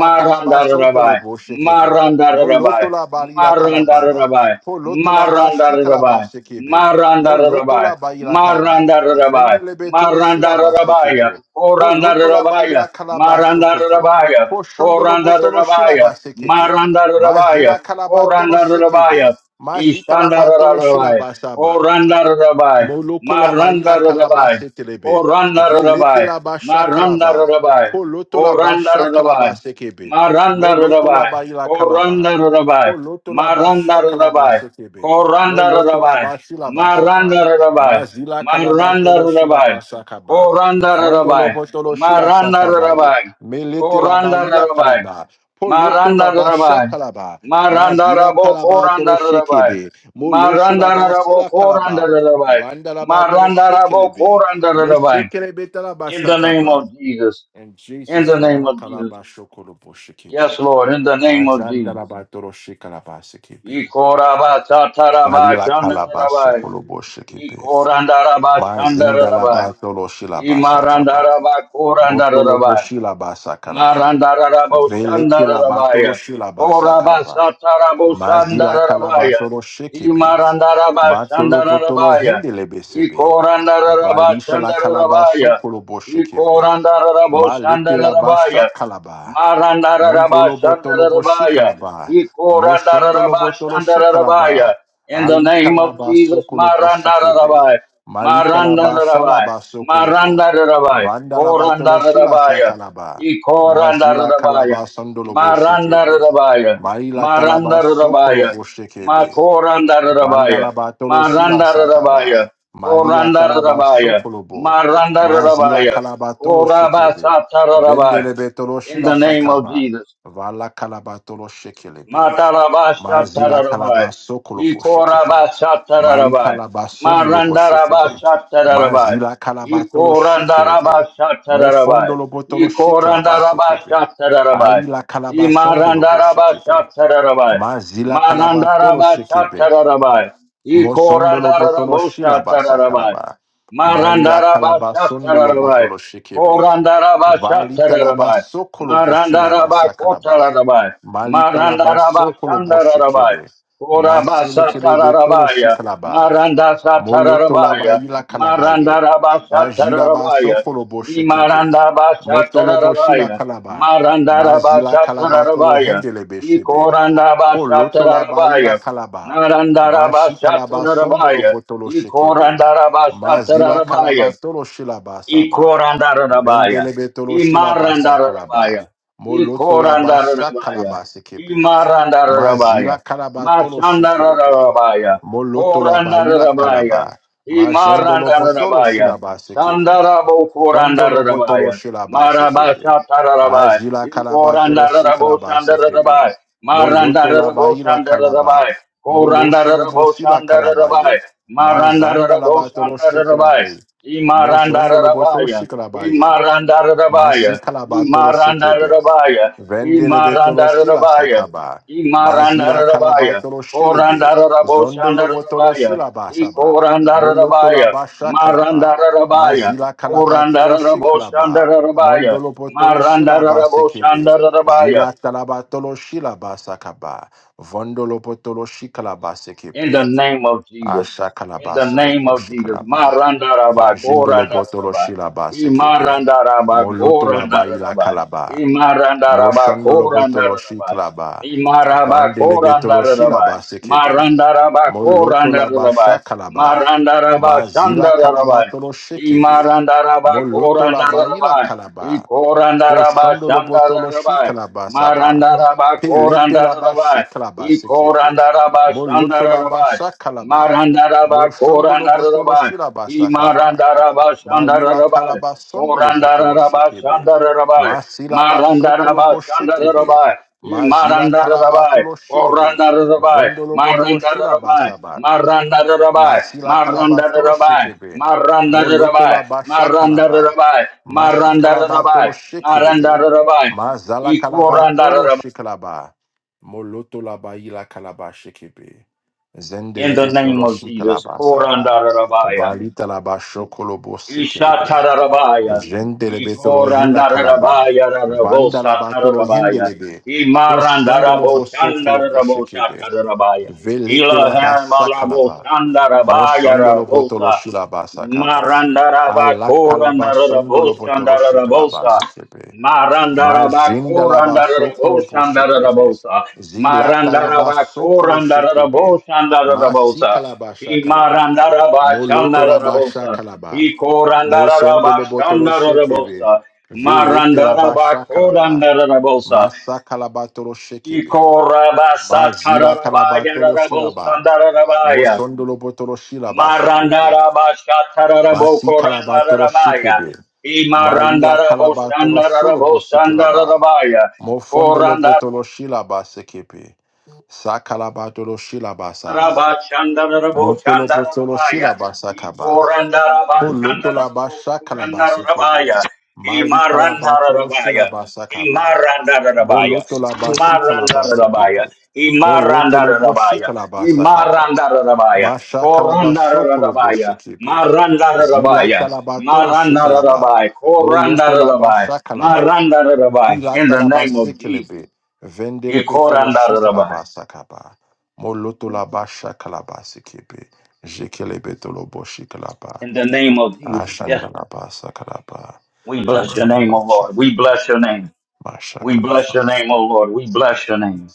B: Marandarabai,
A: kalaba sotolo
B: Marandarabai,
A: boshekebe.
B: Marandarabai,
A: Moloto la barila kalababa.
B: Marandarabai,
A: Poloto la ba shikalaba sekebe. Moloto
B: Marandarabai,
A: la baila kaba.
B: Marandarabai,
A: Vendelebe tolo shilaba
B: Marandarabaya,
A: sekebe. Poloto la
B: Korandarabaya,
A: baila kalaba sokopo.
B: Marandarabaya,
A: Poshondolo botolo
B: Korandarabaya,
A: shilaba sekebe.
B: Marandarabaya,
A: Mazila kalaba tolo
B: Korandarabaya,
A: shekebe. Mazikalaba tolo
B: Ishandarabai,
A: shilaba saba.
B: Korandarabai,
A: Molo kolaba ila kalaba
B: Marandarabai,
A: setelebe. Velete
B: Korandarabai,
A: la basha kalaba.
B: Marandarabai,
A: Poloto la basha
B: Korandarabai,
A: kalaba sekebe. Moloto la
B: Marandarabai,
A: ba ila kalaba.
B: Korandarabai, Marandarabai, Korandarabai,
A: Poloto la basha kalaba
B: Marandarabai,
A: sekebe. Moloto la bashi la basaba. Mazila kalaba tolo shila
B: Marandarabai,
A: basakaba. Vondolo
B: Korandarabai,
A: botolo shila sakabaye.
B: Marandarabai,
A: Melete la ba ila
B: Korandarabai,
A: kalaba. Poloto la basha
B: Marandarabai,
A: kalaba.
B: Maranda
A: Mazila
B: rabo
A: kalaba tolo
B: koranda rabai.
A: shekebe. Molo
B: Maranda
A: shula
B: rabo
A: basila
B: koranda
A: kalaba.
B: rabai.
A: Vandalabatoro
B: Maranda rabo
A: shekelebe.
B: koranda rabai.
A: Meshekelebe
B: In the name
A: talabashakaba.
B: of Jesus.
A: In
B: In
A: Jesus'
B: the
A: name,
B: name
A: I
B: of Jesus.
A: kalabashokolobo
B: Yes,
A: shekebe.
B: Lord. In the name of Jesus.
A: Mazandalabatoro shekalabasekebe.
B: Ikoraba tataraba
A: Malila
B: shanda rabai.
A: kalabasokolobo shekebe.
B: Ikoranda raba shanda rabai.
A: Mazindalabatoro
B: Imaranda
A: shilabasakaba.
B: raba koranda
A: Motolobo
B: rabai.
A: shilabasakalaba. Velekilabatoro
B: Marandaraboshandarabaya.
A: shilabasakalaba. Mazila
B: Korabashataraboshandarabaya.
A: kalabatoro shekebe. Matolo potolo
B: Imarandarabashandarabaya.
A: hendele besebe. Valisha la calaba
B: Ikorandarabashandarabaya.
A: sokolo boshekepe. Ma lete la basha
B: Ikorandaraboshandarabaya.
A: calaba. Montolo botolo
B: Marandarabashandarabaya.
A: boshikalaba. Moshondolo botolo
B: Ikorandarabashandarabaya.
A: shikalaba.
B: In the
A: Ali
B: name of
A: calaba
B: Jesus,
A: sokolo boshekepe.
B: Marandarabaya.
A: Malita la basha la
B: Marandarabaya.
A: basokolo bo.
B: Marandarabaya.
A: Vanda la batolo shila
B: Korandarabaya.
A: sakalaba. Majila calaba
B: Ikorandarabaya.
A: sondolo boshekebe.
B: Marandarabaya.
A: Maila talaba sokolo
B: Marandarabaya.
A: boshekebe.
B: Makorandarabaya.
A: Vandala Batolo Shila Sakaba,
B: Marandarabaya.
A: Malila Talaba
B: Korandarabaya.
A: Sokolobo, Mazila
B: Marandarabaya.
A: Kalabatolo Shekebe,
B: Korabasatarabai
A: Vendele Betolo
B: in
A: Shila
B: the name of
A: Sakaba,
B: Jesus.
A: Vala Kalabatolo Shekelebe, Mazila Kalaba
B: Matarabashatarabai.
A: Sokolobo Shekebe, Mali
B: Ikorabashatarabai.
A: Kalaba Sondolobo Shekebe,
B: Marandarabashatarabai.
A: Mazila Kalabatolo Shekelebe,
B: Ikorandarabashatarabai.
A: Mofondolo Botolo Shekelaba Sekebe,
B: Ikorandarabashatarabai.
A: Ali La Kalaba Sondolobo Shekebe,
B: Imarandarabashatarabai.
A: Mazila Kalabatolo Shekebe,
B: Marandarabashatarabai.
A: Mosondolo botolo shilaba
B: Ikorandarabashatarabai.
A: sakalaba. Marila kalaba sondolo
B: Marandarabashatarabai.
A: botolo shikebe.
B: Korandaraba
A: Valita laba
B: Shatarabai.
A: sokolo boshilaba
B: Marandaraba
A: sakalaba.
B: Kotarabai.
A: Malita laba
B: Marandaraba
A: sokolo
B: Shandarabai.
A: boshikebe.
B: Koraba
A: Maselekele betolo
B: Satarabaya.
A: shikalaba.
B: Maranda
A: Moloto laba
B: Satarabaya.
A: ila kalabaye.
B: Marandaraba
A: Bajira ba
B: Satarabaya.
A: sokolo boshikebe.
B: Imarandaba
A: Motolo boshila
B: Satarabaya.
A: kalaba.
B: Marandaraba
A: Mazila kalabatolo
B: Satarabaya.
A: hendelebe
B: I
A: shebe.
B: Korandaba
A: Poloto la baila
B: Satarabaya.
A: kalaba.
B: Narandaraba
A: Bashi kalaba sondolo
B: Satarabaya.
A: potolo
B: I
A: shekebe.
B: Korandaraba
A: Mazila kalaba
B: Satarabaya.
A: tolo shilaba saba.
B: Ikorandarabaya.
A: Vendele betolo shilaba sa kalaba.
B: Imarandarabaya.
A: Moloto la basha
B: Ikorandarabaya.
A: kalaba sekepe.
B: Imarandarabaya,
A: Mazila kalaba tolo shekelebe.
B: Mashandarabaya,
A: Moloto la baila
B: Korandarabaya,
A: kalaba. Majondolo potolo
B: Imarandarabaya,
A: shilaba sekebe.
B: Sandarabo
A: Fondolo botolo
B: Korandarabaya,
A: shilaba sekebe.
B: Marabasha Tararabaya,
A: Ajila kalaba tolo
B: Ikorandarabo
A: shikalaba sekebe.
B: Shandarabaya,
A: Moloto laba
B: Marandarabo
A: ila kalaba.
B: Shandarabaya,
A: Molo shodobo
B: Korandarabo
A: sila kalabaye.
B: Shandarabaya,
A: Mazanda
B: Marandarabo
A: laba tolo
B: Shandarabaya,
A: shikalabe. Mosondolo boto
B: Imarandarabaya,
A: shikalabaye. Masi
B: Imarandarabaya,
A: kalabatoro shekebe.
B: Imarandarabaya,
A: Vendele betolo shila
B: Imarandarabaya.
A: sakaba. Mazila
B: Imarandarabaya.
A: kalabatolo shilebe. Zondolo botolo
B: Korandaraboshandarabaya.
A: shila basaba. Moloto la
B: Ikorandarabaya.
A: basha kalaba.
B: Marandarabaya.
A: Mazila kalabatolo shiklaba.
B: Korandaraboshandarabaya.
A: Mondolo botolo shila basekebe.
B: Marandaraboshandarabaya.
A: Zila talabatolo shila basakaba. Vondolo botolo shiklaba
B: In the name of Jesus.
A: Asha
B: In
A: kalaba
B: the name
A: Solopo
B: of Jesus.
A: Shikalaba.
B: Marandaraba,
A: Majindolo Botolo
B: korandaraba.
A: Shilaba Sekipe.
B: Imarandaraba,
A: Molotolaba Ila
B: korandaraba.
A: Kalaba.
B: Imarandaraba,
A: Moshandolo Botolo
B: korandaraba.
A: Shikalaba.
B: Imaraba,
A: Vandelebetolo
B: korandaraba.
A: Shilaba Sekipe.
B: Marandaraba,
A: Molotolaba
B: korandaraba.
A: Shakalaba.
B: Marandaraba,
A: Mazila
B: shandaraba.
A: Kalabatolo Shekebe.
B: Imarandaraba
A: Molotolaba
B: korandaraba.
A: Ila Kalaba.
B: Ikorandaraba
A: Poshando lo botolo
B: shandaraba.
A: shikala basaba.
B: Marandaraba
A: Pelete la ba
B: korandaraba.
A: shikala ba sekepe.
B: Ikorandaraba
A: Moloto la ba
B: shandaraba.
A: shakala ba.
B: Marandaraba
A: Moshando lo botolo
B: korandaraba.
A: shilaba sakaba.
B: Imarandaraba
A: Malila
B: shandaraba.
A: kalaba sondo lo botolo shekebe.
B: Orandarabashandarabai.
A: Masila ba sokolo bo shekebe.
B: Marandarabashandarabai.
A: Mazila kalaba
B: Imarandarabai.
A: tolo shilebe.
B: Orandarabai.
A: Vondolo botolo shilaba
B: Marandarabai.
A: saba.
B: Marandarabai.
A: Masila kalabatoro
B: Marandarabai.
A: shekebe.
B: Marandarabai.
A: Molotola basha kalaba.
B: Marandarabai.
A: Masi
B: Marandarabai.
A: kalabatoro shekelebe.
B: Marandarabai.
A: Mazala kalabatoro
B: Ikorandarabai.
A: shekalaba. Molotola baila kalaba shekebe.
B: In the
A: Zendelebe
B: name
A: toro
B: of Jesus.
A: shikalaba saba.
B: Korandarabaya.
A: Valita laba shokolobo sekelebe. Jendelebe tolo hila kalaba.
B: rabosa rabosa,
A: Vandalaba tolo
B: Tarabaya,
A: hendelebe. Poshondolo
B: Imarandarabo
A: boso kolobo
B: Shandarabo
A: shekebe.
B: Shatarabaya,
A: Velete la basa
B: Ilahamalabo
A: kalaba.
B: shandarabaya, Ishatararabaya. Ikorandararabaya rarabosatararabaya.
A: Moshondolo
B: Imarandaraboshandaraboshatararabaya. Ilahamalaboshandarabaya
A: botolo
B: rarabosa.
A: shilaba sakaba. Ala kalaba sondolo botolo shikalaba
B: Marandarabakorandaraboshandararabosa.
A: sekebe. Majindalaba sokolo poshekebe. Zilatalaba sokolo
B: Marandarabakorandaraboshandararabosa.
A: shekebe. Masi
B: shandarabosa.
A: kalaba shakalaba. Molotolaba
B: Imarandarabashandararabosa.
A: shakalaba. Mosondolo botolo shekebe.
B: Ikorandarabashandararabosa.
A: Velete la basha kalaba.
B: Marandarabakorandararabosa.
A: Masa kalabatolo shekebe. Mazila kalabatolo shilaba.
B: Ikorabasatararabayararabosandararabaya.
A: Mosondolo botolo shilaba sekebe. Basi kalabatolo
B: Marandarabashatararabokorandararabaya.
A: shekebe. Malila kalabatolo sorobo sikilaba. Mofondolo
B: Imarandaraboshandararabosandararabaya.
A: botolo shilaba sekebe. Sakalabatolo shilaba saba. Motolo botolo
B: Rabashandaraboshandarabaya.
A: shilaba sakaba. Polotolabasha kalabasa kebe.
B: Ikorandarabashandaraboshandarabaya.
A: Mali kalabatolo
B: Imarandarabaya.
A: shilabasa kaba.
B: Imarandarabaya.
A: Molotolabashi kalabasa
B: Imarandarabaya.
A: kebe. Molotoloboshi
B: Imarandarabaya.
A: kalabasa kaba.
B: Imarandarabaya.
A: Masha kalabaso koloboshi
B: Korandarabaya.
A: kebe. Zila
B: Marandarabaya.
A: kalabatolo shikalaba.
B: Marandarabai. Korandarabai.
A: Molotolabasha kalaba.
B: Marandarabai.
A: Pila
B: In the name
A: talabase
B: of Jesus.
A: kelebe. Vendelebe tolo
B: Ikorandarabaya.
A: shikalabasa kaba. Molotolabasha kalabasa kebe. Jekelebe tolo boshi kalaba.
B: In the name of Jesus. Yes,
A: Ashandaraba Sakaraba
B: We bless your name,
A: Andaraba
B: O Lord. We
A: Shikibi
B: bless your name. We bless your
A: Mashakaraba.
B: name, O Lord. We bless your name.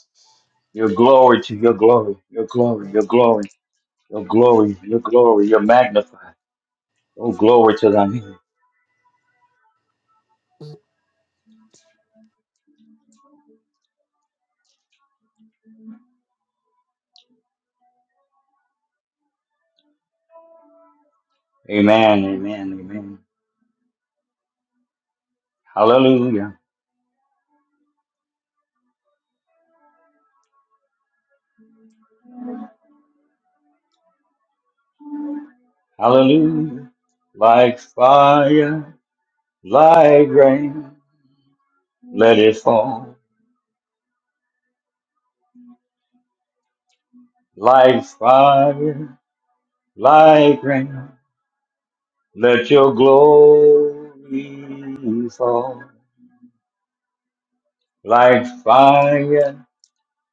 B: Your glory to your glory, your glory, your glory, your glory, your glory, your magnified. Oh, glory to thy name. Amen, amen, amen. Hallelujah, hallelujah. Like fire, like rain, let it fall. Like fire, like rain, let your glory fall. Like fire,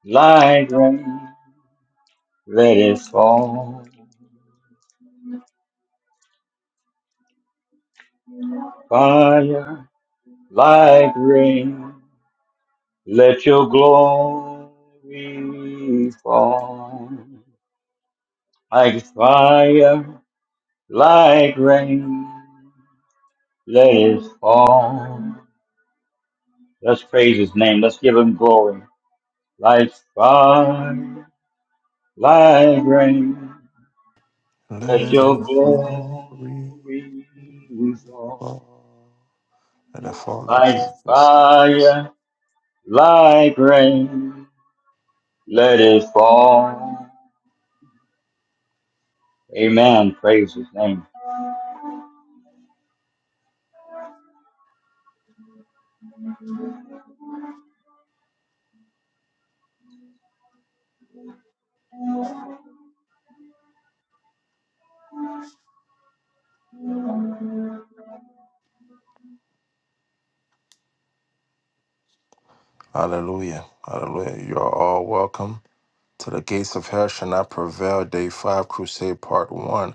B: like rain, let it fall. Fire, like rain, let your glory fall. Like fire, like rain, let it fall. Let's praise his name. Let's give him glory. Like fire, like rain, let
A: Let
B: your
A: it fall, we
B: glory fall.
A: fall. Let it fall, Lord
B: Like
A: Jesus.
B: fire, like rain, let it fall. Amen. Praise his name.
A: Hallelujah. Hallelujah. You are all welcome. To the gates of hell shall not prevail. Day five, crusade part one.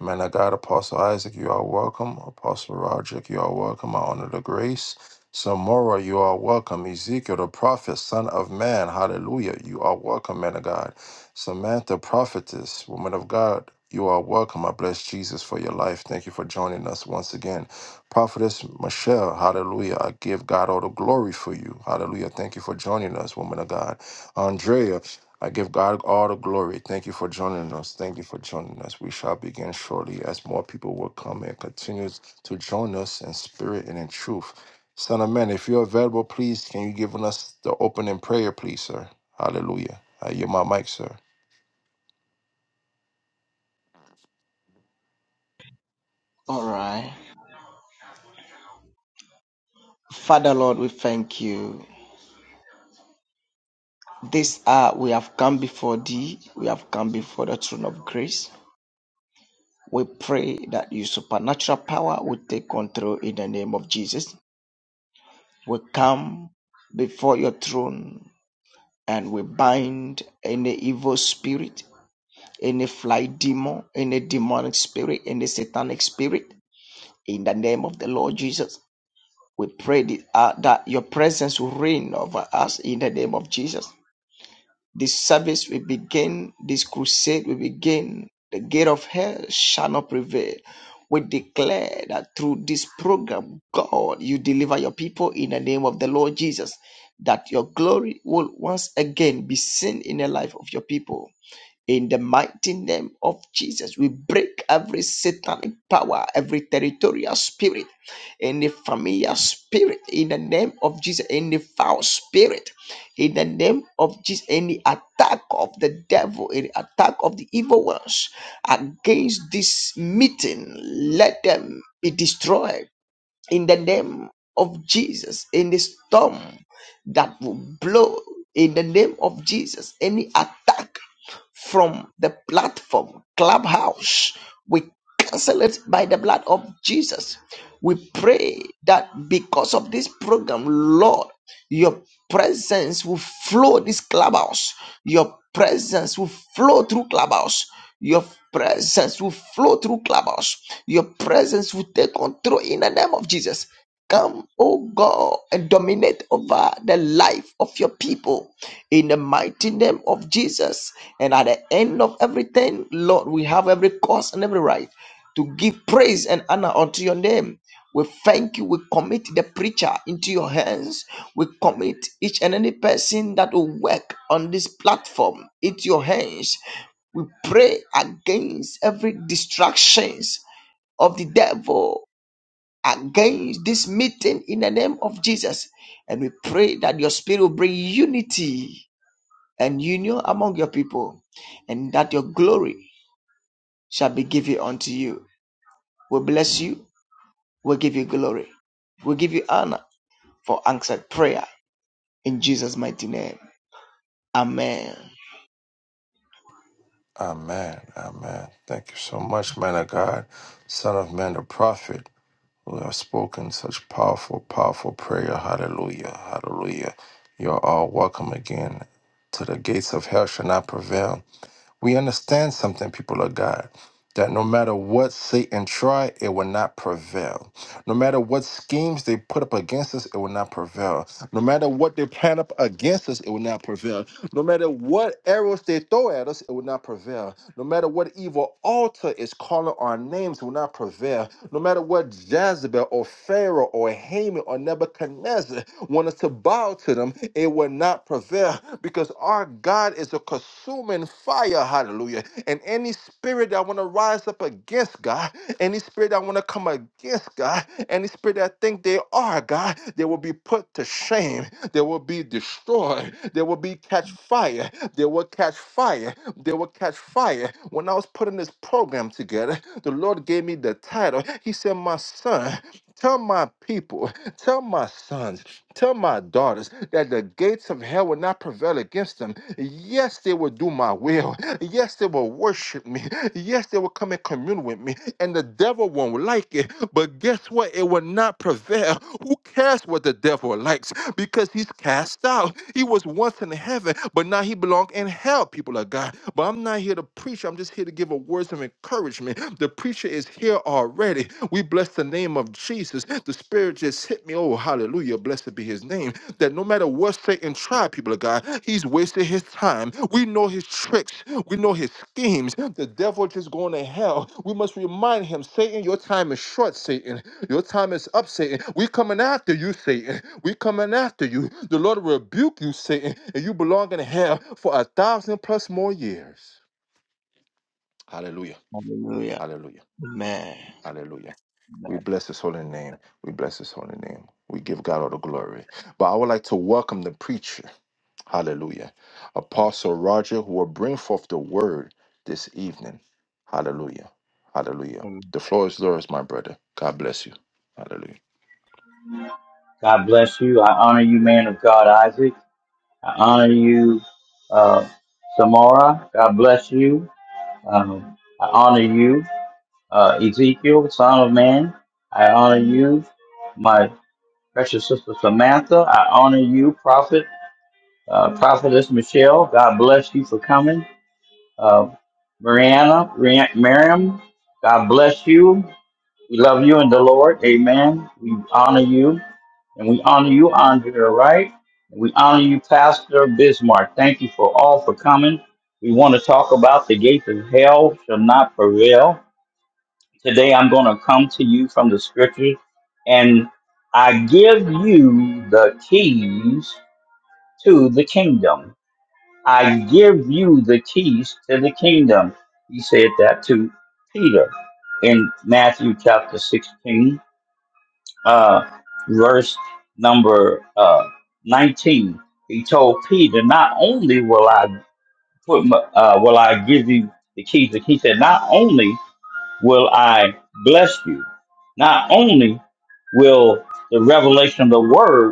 A: Man of God, Apostle Isaac, you are welcome. Apostle Roderick, you are welcome. I honor the grace. Samora, you are welcome. Ezekiel, the prophet, son of man. Hallelujah. You are welcome, man of God. Samantha, prophetess, woman of God, you are welcome. I bless Jesus for your life. Thank you for joining us once again. Prophetess Michelle, hallelujah. I give God all the glory for you. Hallelujah. Thank you for joining us, woman of God. Andrea. I give God all the glory. Thank you for joining us. Thank you for joining us. We shall begin shortly as more people will come and continue to join us in spirit and in truth. Son of man, if you're available, please can you give us the opening prayer, please, sir? Hallelujah. I yield my mic, sir.
C: All right. Father Lord, we thank you. This hour we have come before thee. We have come before the throne of grace. We pray that your supernatural power will take control in the name of Jesus. We come before your throne and we bind any evil spirit, any fly demon, any demonic spirit, any satanic spirit in the name of the Lord Jesus. We pray that uh, that your presence will reign over us in the name of Jesus. This service will begin, this crusade will begin. The gate of hell shall not prevail. We declare that through this program, God, you deliver your people in the name of the Lord Jesus, that your glory will once again be seen in the life of your people. In the mighty name of Jesus, we break every satanic power, every territorial spirit, any familiar spirit, in the name of Jesus, any foul spirit, in the name of Jesus, any attack of the devil, any attack of the evil ones against this meeting, let them be destroyed in the name of Jesus, in the storm that will blow in the name of Jesus, any attack from the platform clubhouse. We cancel it by the blood of Jesus. We pray that because of this program, Lord, your presence will flow this clubhouse. Your presence will flow through clubhouse. Your presence will flow through clubhouse. Your presence will take control in the name of Jesus. Come, oh God, and dominate over the life of your people in the mighty name of Jesus. And at the end of everything, Lord, we have every cause and every right to give praise and honor unto your name. We thank you. We commit the preacher into your hands. We commit each and any person that will work on this platform into your hands. We pray against every distractions of the devil against this meeting in the name of Jesus. And we pray that your spirit will bring unity and union among your people, and that your glory shall be given unto you. We bless you, we give you glory, we give you honor for answered prayer in Jesus' mighty name. Amen.
A: Amen. Amen. Thank you so much, man of God, son of man, the prophet, who have spoken such powerful, powerful prayer. Hallelujah. Hallelujah. You're all welcome again to the gates of hell shall not prevail. We understand something, people of God, that no matter what Satan try, it will not prevail. No matter what schemes they put up against us, it will not prevail. No matter what they plan up against us, it will not prevail. No matter what arrows they throw at us, it will not prevail. No matter what evil altar is calling our names, it will not prevail. No matter what Jezebel or Pharaoh or Haman or Nebuchadnezzar want us to bow to them, it will not prevail because our God is a consuming fire. Hallelujah. And any spirit spirit that want to rise up against God, any spirit that want to come against God, any spirit that think they are God, they will be put to shame. They will be destroyed. They will be catch fire. They will catch fire. They will catch fire. When I was putting this program together, the Lord gave me the title. He said, "My son, tell my people, tell my sons." Tell my daughters that the gates of hell will not prevail against them. Yes, they will do my will. Yes, they will worship me. Yes, they will come and commune with me and the devil won't like it. But guess what? It will not prevail. Who cares what the devil likes? Because he's cast out. He was once in heaven, but now he belongs in hell, people of God. But I'm not here to preach. I'm just here to give a words of encouragement. The preacher is here already. We bless the name of Jesus. The spirit just hit me. Oh, hallelujah. Blessed be his name that no matter what Satan tried, people of God, he's wasted his time. We know his tricks, we know his schemes. The devil just going to hell. We must remind him, Satan, your time is short, Satan. Your time is up, Satan. We coming after you, Satan. We coming after you. The Lord will rebuke you, Satan, and you belong in hell for a thousand plus more years. Hallelujah.
C: Hallelujah.
A: Hallelujah.
C: Amen.
A: Hallelujah. We bless his holy name. We bless his holy name. We give God all the glory. But I would like to welcome the preacher. Hallelujah. Apostle Roger, who will bring forth the word this evening. Hallelujah. Hallelujah.
C: Amen.
A: The floor is yours, my brother. God bless you. Hallelujah.
B: God bless you. I honor you, man of God, Isaac. I honor you, uh, Samara. God bless you. Um, I honor you, uh, Ezekiel, son of man. I honor you, my precious sister Samantha. I honor you, prophet, uh, prophetess Michelle. God bless you for coming. Uh, Mariana, Ri- Miriam, God bless you. We love you in the Lord. Amen. We honor you. And we honor you, Andrea, Wright. And we honor you, Pastor Bismarck. Thank you for all for coming. We want to talk about the gates of hell shall not prevail. Today I'm going to come to you from the scriptures and I give you the keys to the kingdom. I give you the keys to the kingdom. He said that to Peter in Matthew chapter 16, uh, verse number uh, 19. He told Peter, Not only will I put my, uh, will I give you the keys, he said, Not only will I bless you, not only will the revelation of the word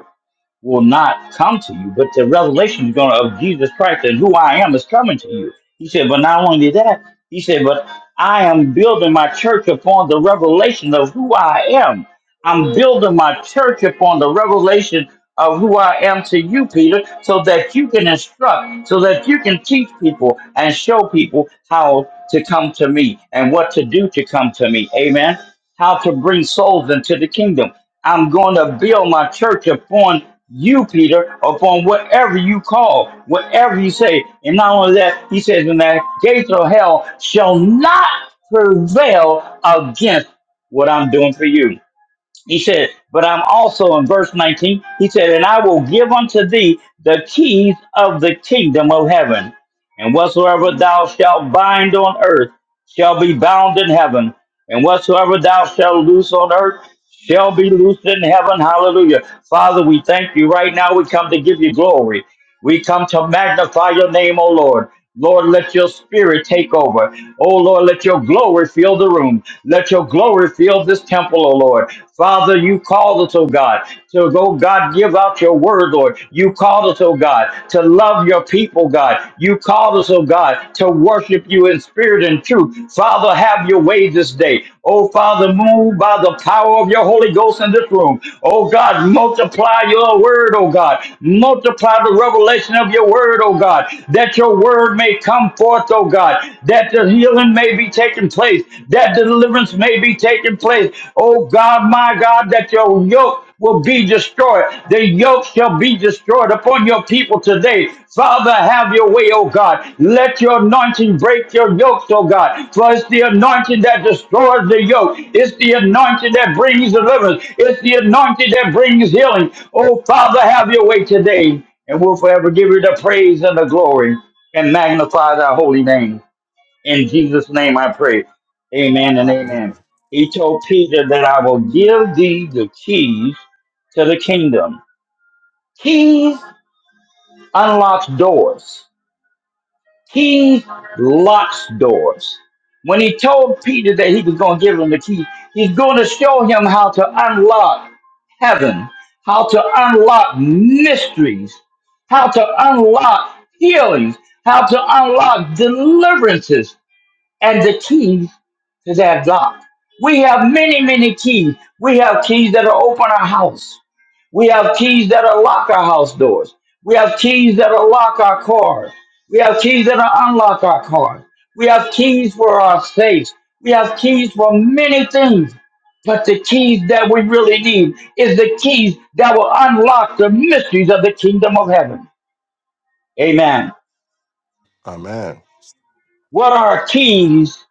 B: will not come to you, but the revelation is going to, of Jesus Christ and who I am is coming to you. He said, but not only that, he said, but I am building my church upon the revelation of who I am. I'm building my church upon the revelation of who I am to you, Peter, so that you can instruct, so that you can teach people and show people how to come to me and what to do to come to me. Amen. How to bring souls into the kingdom. I'm going to build my church upon you, Peter, upon whatever you call, whatever you say. And not only that, he says, when the gates of hell shall not prevail against what I'm doing for you. He said, but I'm also in verse 19, he said, and I will give unto thee the keys of the kingdom of heaven. And whatsoever thou shalt bind on earth shall be bound in heaven. And whatsoever thou shalt loose on earth shall be loosed in heaven. Hallelujah. Father, we thank you right now. We come to give you glory. We come to magnify your name, O Lord. Lord, let your spirit take over. Oh, Lord, let your glory fill the room. Let your glory fill this temple, oh, Lord. Father, you called us, oh God, to go, God, give out your word, Lord. You called us, oh God, to love your people, God. You called us, oh God, to worship you in spirit and truth. Father, have your way this day. Oh, Father, Father, move by the power of your Holy Ghost in this room. Oh God, multiply your word, oh God. Multiply the revelation of your word, oh God, that your word may come forth, oh God, that the healing may be taking place, that deliverance may be taking place. Oh God, my God, that your yoke will be destroyed. The yoke shall be destroyed upon your people today. Father, have your way, O God. Let your anointing break your yokes, O God. For it's the anointing that destroys the yoke. It's the anointing that brings deliverance. It's the anointing that brings healing. Oh, Father, have your way today. And we'll forever give you the praise and the glory and magnify thy holy name. In Jesus' name I pray. Amen and amen.
A: Amen.
B: He told Peter that I will give thee the keys to the kingdom. Keys unlocks doors. Keys locks doors. When he told Peter that he was going to give him the key, he's going to show him how to unlock heaven, how to unlock mysteries, how to unlock healings, how to unlock deliverances, and the keys to that lock. We have many, many keys. We have keys that will open our house. We have keys that will lock our house doors. We have keys that will lock our cars. We have keys that will unlock our cars. We have keys for our safes. We have keys for many things. But the keys that we really need is the keys that will unlock the mysteries of the kingdom of heaven. Amen.
A: Amen.
B: What are keys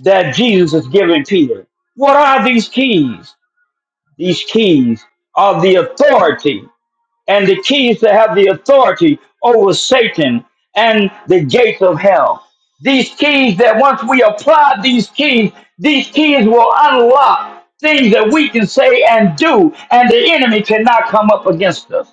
B: that Jesus is giving Peter? What are these keys? these keys are the authority and the keys to have the authority over Satan and the gates of hell. These keys that once we apply these keys, these keys will unlock things that we can say and do, and the enemy cannot come up against us.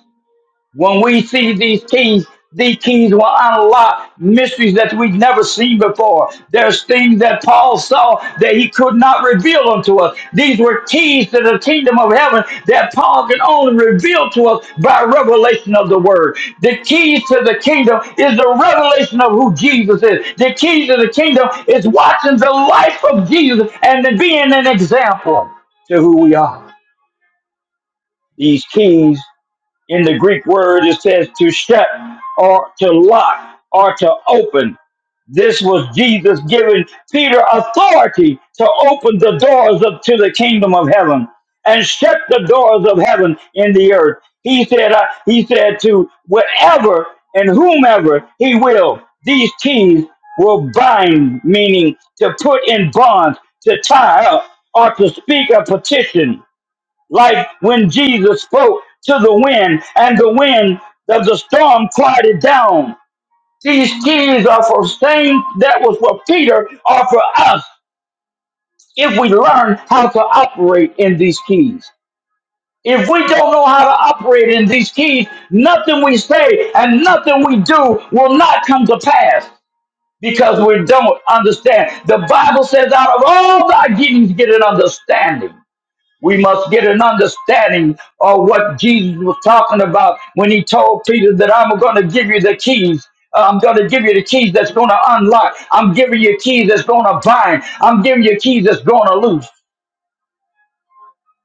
B: When we see these keys, these keys will unlock mysteries that we've never seen before. There's things that Paul saw that he could not reveal unto us. These were keys to the kingdom of heaven that Paul can only reveal to us by revelation of the word. The keys to the kingdom is the revelation of who Jesus is. The keys to the kingdom is watching the life of Jesus and being an example to who we are. These keys in the Greek word, it says to shut or to lock or to open. This was Jesus giving Peter authority to open the doors of, to the kingdom of heaven and shut the doors of heaven in the earth. He said, uh, He said to whatever and whomever He will, these keys will bind, meaning to put in bonds, to tie up, or to speak a petition like when Jesus spoke to the wind, and the wind of the storm quieted down. These keys are for same that was for Peter are for us if we learn how to operate in these keys. If we don't know how to operate in these keys, nothing we say and nothing we do will not come to pass because we don't understand. The Bible says, out of all thy getting, get an understanding. We must get an understanding of what Jesus was talking about when he told Peter that I'm going to give you the keys. Uh, I'm going to give you the keys that's going to unlock. I'm giving you keys that's going to bind. I'm giving you keys that's going to loose.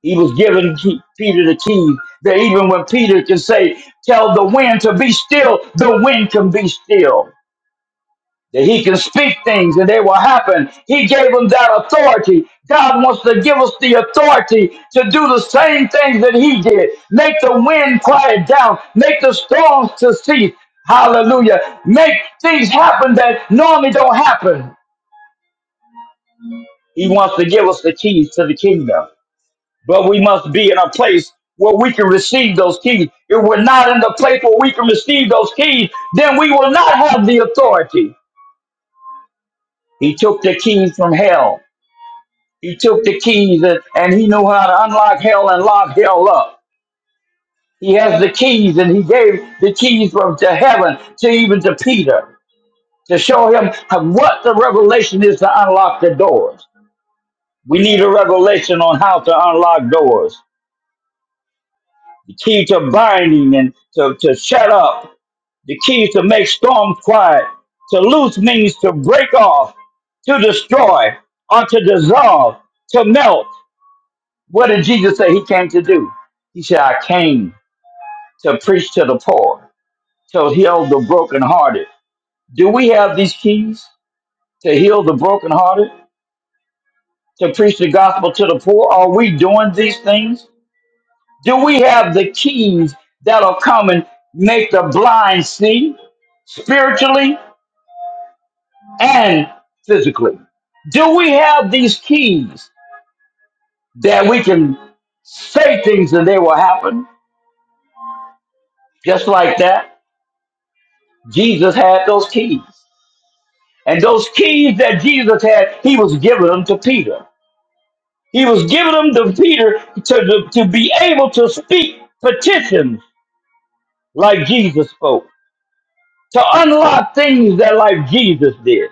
B: He was giving Ke- Peter the keys that even when Peter can say, Tell the wind to be still, the wind can be still that he can speak things and they will happen. He gave them that authority. God wants to give us the authority to do the same things that he did. Make the wind quiet down. Make the storms to cease. Hallelujah. Make things happen that normally don't happen. He wants to give us the keys to the kingdom. But we must be in a place where we can receive those keys. If we're not in the place where we can receive those keys, then we will not have the authority. He took the keys from hell He took the keys and, and he knew how to unlock hell and lock hell up. He has the keys and he gave the keys from to heaven to even to Peter to show him how- what the revelation is to unlock the doors. We need a revelation on how to unlock doors. The key to binding and to, to shut up. The key to make storms quiet. To loose means to break off, to destroy, or to dissolve, to melt. What did Jesus say he came to do? He said, I came to preach to the poor, to heal the brokenhearted. Do we have these keys to heal the brokenhearted, to preach the gospel to the poor? Are we doing these things? Do we have the keys that'll come and make the blind see spiritually and physically? Do we have these keys that we can say things and they will happen just like that? Jesus had those keys. And those keys that Jesus had, he was giving them to Peter. He was giving them to Peter to, to be able to speak petitions like Jesus spoke, to unlock things that like Jesus did.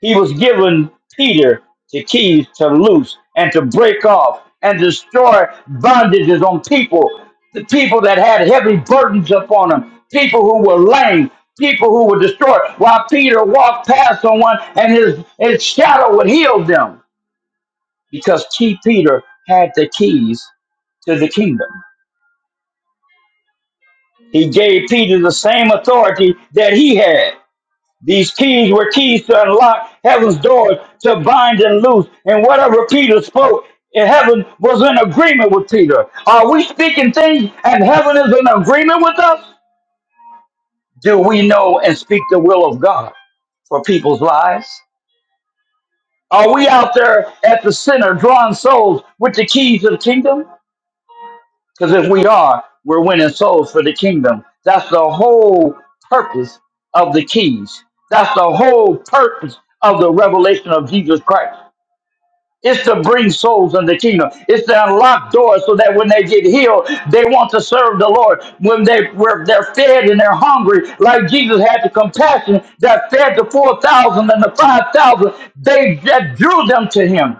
B: He was given Peter the keys to loose and to break off and destroy bondages on people, the people that had heavy burdens upon them, people who were lame, people who were destroyed. While Peter walked past someone and his, his shadow would heal them because Key Peter had the keys to the kingdom. He gave Peter the same authority that he had. These keys were keys to unlock heaven's doors, to bind and loose. And whatever Peter spoke in heaven was in agreement with Peter. Are we speaking things and heaven is in agreement with us? Do we know and speak the will of God for people's lives? Are we out there at the center drawing souls with the keys of the kingdom? Because if we are, we're winning souls for the kingdom. That's the whole purpose of the keys. That's the whole purpose of the revelation of Jesus Christ. It's to bring souls in the kingdom. It's to unlock doors so that when they get healed, they want to serve the Lord. When they were they're fed and they're hungry, like Jesus had the compassion that fed the four thousand and the five thousand, they that drew them to Him.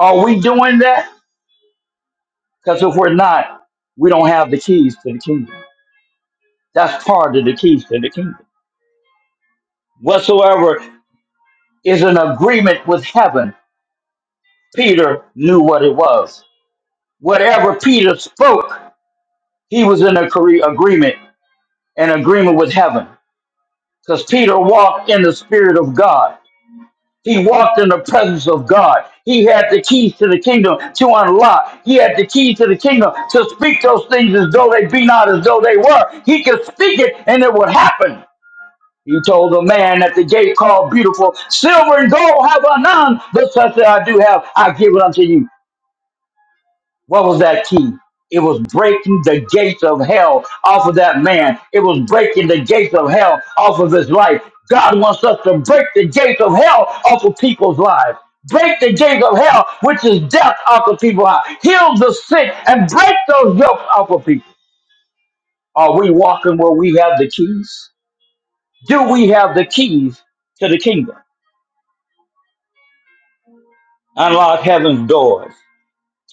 B: Are we doing that? Because if we're not, we don't have the keys to the kingdom. That's part of the keys to the kingdom. Whatsoever is an agreement with heaven, Peter knew what it was. Whatever Peter spoke. He was in a cre- agreement, an agreement with heaven. Because Peter walked in the Spirit of God. He walked in the presence of God. He had the keys to the kingdom to unlock. He had the keys to the kingdom to speak those things as though they be not as though they were. He could speak it and it would happen. He told the man at the gate called Beautiful, Silver and gold have I none, but such that I do have, I give it unto you. What was that key? It was breaking the gates of hell off of that man. It was breaking the gates of hell off of his life. God wants us to break the gates of hell off of people's lives. Break the gates of hell, which is death, off of people's lives. Heal the sick and break those yokes off of people. Are we walking where we have the keys? Do we have the keys to the kingdom? Unlock heaven's doors.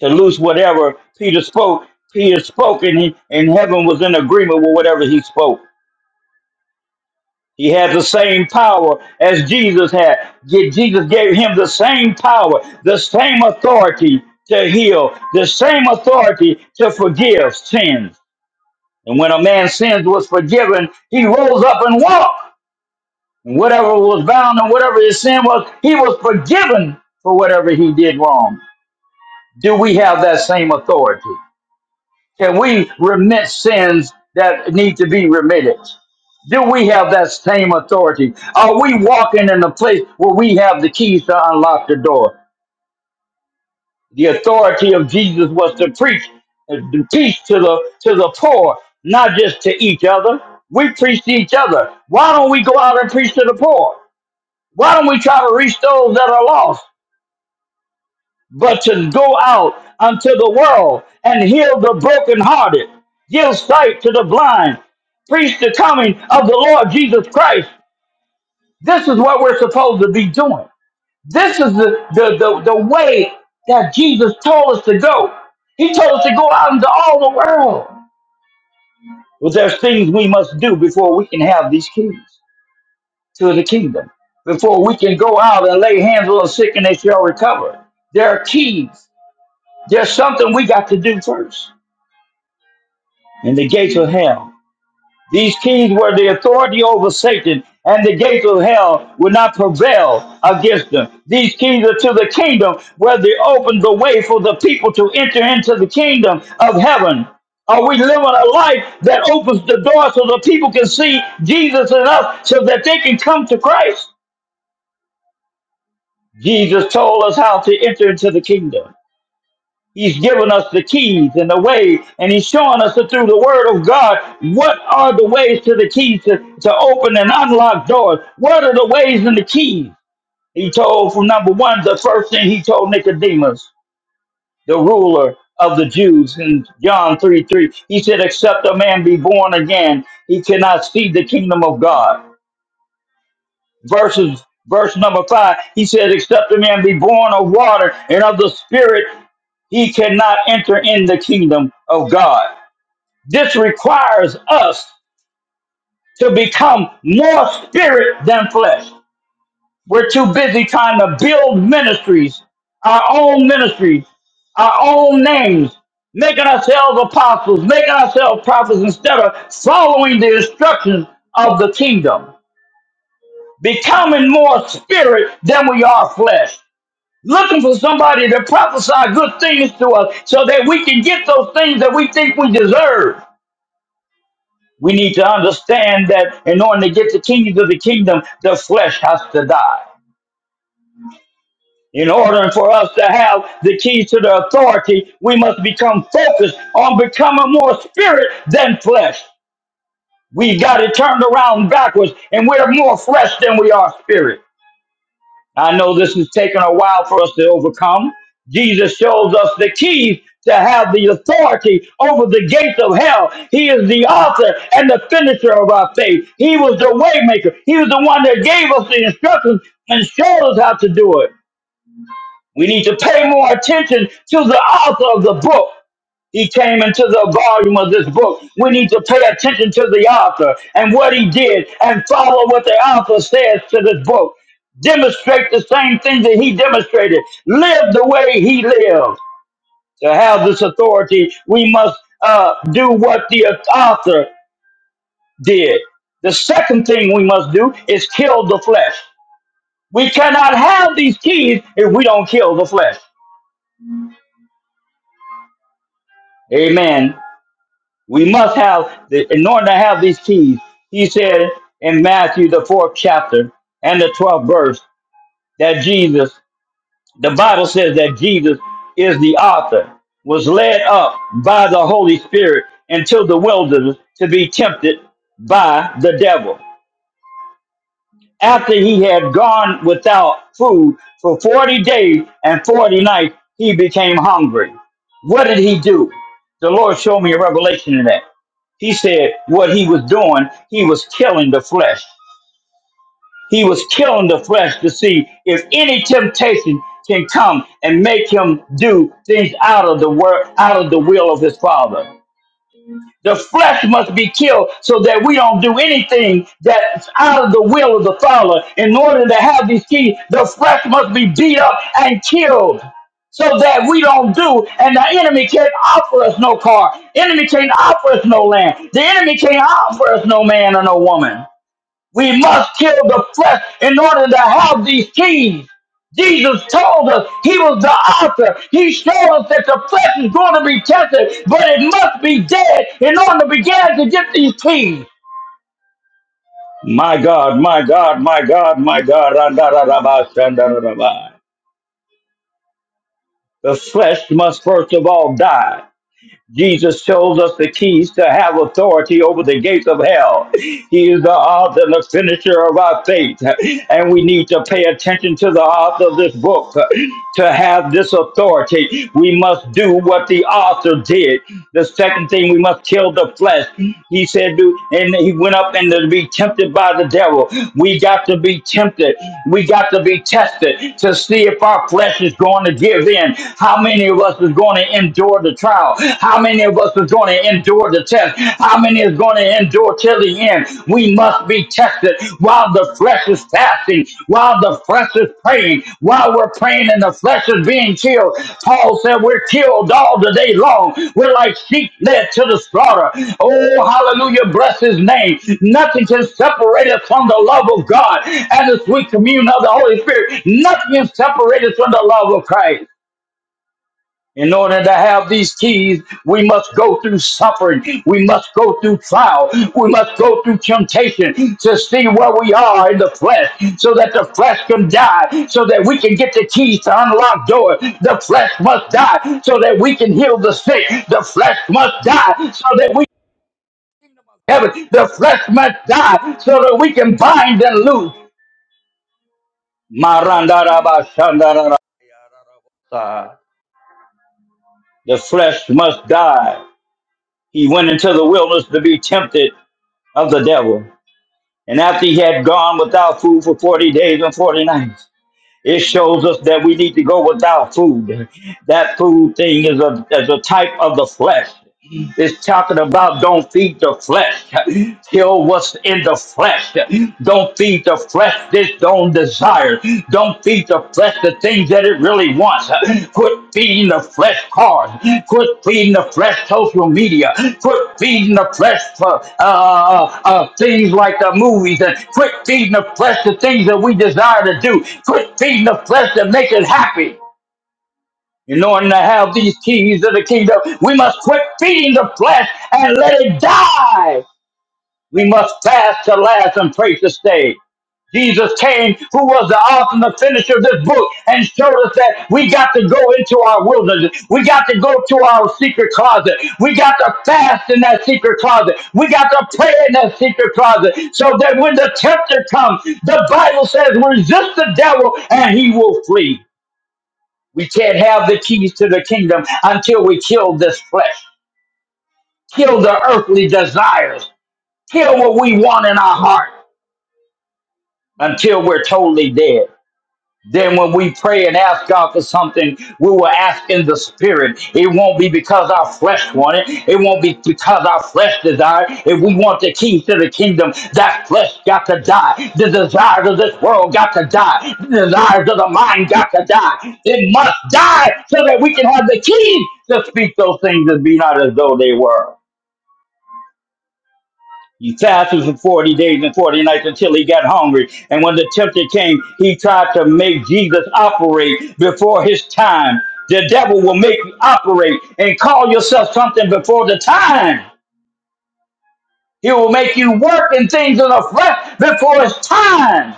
B: to loose whatever Peter spoke. Peter spoke, and, he, and heaven was in agreement with whatever he spoke. He had the same power as Jesus had. Yet Jesus gave him the same power, the same authority to heal, the same authority to forgive sins. And when a man's sins was forgiven, he rose up and walked. And whatever was bound and whatever his sin was, he was forgiven for whatever he did wrong. Do we have that same authority? Can we remit sins that need to be remitted? Do we have that same authority? Are we walking in a place where we have the keys to unlock the door? The authority of Jesus was to preach, uh, to teach to the to the poor, not just to each other. We preach to each other. Why don't we go out and preach to the poor? Why don't we try to reach those that are lost? but to go out unto the world and heal the brokenhearted, give sight to the blind, preach the coming of the Lord Jesus Christ. This is what we're supposed to be doing. This is the, the, the, the way that Jesus told us to go. He told us to go out into all the world. Well, there's things we must do before we can have these keys to the kingdom, before we can go out and lay hands on the sick and they shall recover. There are keys. There's something we got to do first. and the gates of hell. These kings were the authority over Satan, and the gates of hell would not prevail against them. These keys are to the kingdom where they open the way for the people to enter into the kingdom of heaven. Are we living a life that opens the door so the people can see Jesus in us so that they can come to Christ? Jesus told us how to enter into the kingdom. He's given us the keys and the way, and he's showing us that through the word of God what are the ways to the keys to, to open and unlock doors. What are the ways and the keys? He told from number one, the first thing he told Nicodemus, the ruler of the Jews in John 3 3. He said, Except a man be born again, he cannot see the kingdom of God. Verses verse number five, he said, Except a man be born of water and of the spirit, he cannot enter in the kingdom of God. This requires us to become more spirit than flesh. We're too busy trying to build ministries, our own ministries, our own names, making ourselves apostles, making ourselves prophets instead of following the instructions of the kingdom, becoming more spirit than we are flesh. looking for somebody to prophesy good things to us so that we can get those things that we think we deserve. We need to understand that in order to get the keys of the kingdom, the flesh has to die. In order for us to have the keys to the authority, we must become focused on becoming more spirit than flesh. We got it turned around backwards, and we're more flesh than we are spirit. I know this has taken a while for us to overcome. Jesus shows us the keys to have the authority over the gates of hell. He is the author and the finisher of our faith. He was the waymaker. He was the one that gave us the instructions and showed us how to do it. We need to pay more attention to the author of the book. He came into the volume of this book. We need to pay attention to the author and what he did and follow what the author says to this book. Demonstrate the same thing that he demonstrated. Live the way he lived. To have this authority, we must uh, do what the author did. The second thing we must do is kill the flesh. We cannot have these keys if we don't kill the flesh. Amen. We must have, the, in order to have these keys, he said in Matthew, the fourth chapter and the 12th verse, that Jesus, the Bible says that Jesus is the author, was led up by the Holy Spirit into the wilderness to be tempted by the devil after he had gone without food for 40 days and 40 nights, he became hungry. What did he do? The Lord showed me a revelation in that. He said what he was doing, he was killing the flesh. He was killing the flesh to see if any temptation can come and make him do things out of the word, out of the will of his father. The flesh must be killed so that we don't do anything that's out of the will of the Father. In order to have these keys, the flesh must be beat up and killed so that we don't do, and the enemy can't offer us no car. Enemy can't offer us no land. The enemy can't offer us no man or no woman. We must kill the flesh in order to have these keys. Jesus told us he was the author. He showed us that the flesh is going to be tested, but it must be dead in order to begin to get these keys. My God, my God, my God, my God. Randarabashandaraba. The flesh must first of all die. Jesus shows us the keys to have authority over the gates of hell. He is the author and the finisher of our faith. And we need to pay attention to the author of this book. To have this authority, we must do what the author did. The second thing, we must kill the flesh. He said, do, and he went up and to be tempted by the devil. We got to be tempted. We got to be tested to see if our flesh is going to give in. How many of us is going going to endure the trial? How many of us are going to endure the test? How many is going to endure till the end? We must be tested while the flesh is fasting, while the flesh is praying, while we're praying and the flesh is being killed. Paul said we're killed all the day long. We're like sheep led to the slaughter. Oh, hallelujah. Bless his name. Nothing can separate us from the love of God and the sweet communion of the Holy Spirit. Nothing can separate us from the love of Christ. In order to have these keys, we must go through suffering. We must go through trial. We must go through temptation to see where we are in the flesh so that the flesh can die, so that we can get the keys to unlock doors. The flesh must die so that we can heal the sick. The flesh must die so that we can heaven. The flesh must die so that we can bind and loose. Marandarabashandarara. The flesh must die. He went into the wilderness to be tempted of the devil. And after he had gone without food for 40 days and 40 nights, it shows us that we need to go without food. That food thing is a, is a type of the flesh. It's talking about don't feed the flesh. Kill what's in the flesh. Don't feed the flesh this don't desire. Don't feed the flesh the things that it really wants. Quit feeding the flesh cars. Quit feeding the flesh social media. Quit feeding the flesh uh, uh, uh, things like the movies. And quit feeding the flesh the things that we desire to do. Quit feeding the flesh that makes it happy. In order to have these keys of the kingdom, we must quit feeding the flesh and let it die. We must fast to last and pray to stay. Jesus came, who was the author and the finisher of this book, and showed us that we got to go into our wilderness. We got to go to our secret closet. We got to fast in that secret closet. We got to pray in that secret closet so that when the tempter comes, the Bible says, resist the devil and he will flee. We can't have the keys to the kingdom until we kill this flesh, kill the earthly desires, kill what we want in our heart until we're totally dead. then when we pray and ask God for something, we will ask in the spirit. It won't be because our flesh want it. It won't be because our flesh desire. it. If we want the keys to the kingdom, that flesh got to die. The desires of this world got to die. The desires of the mind got to die. It must die so that we can have the keys to speak those things and be not as though they were. He fasted for 40 days and 40 nights until he got hungry. And when the tempter came, he tried to make Jesus operate before his time. The devil will make you operate and call yourself something before the time. He will make you work in things in the flesh before it's time.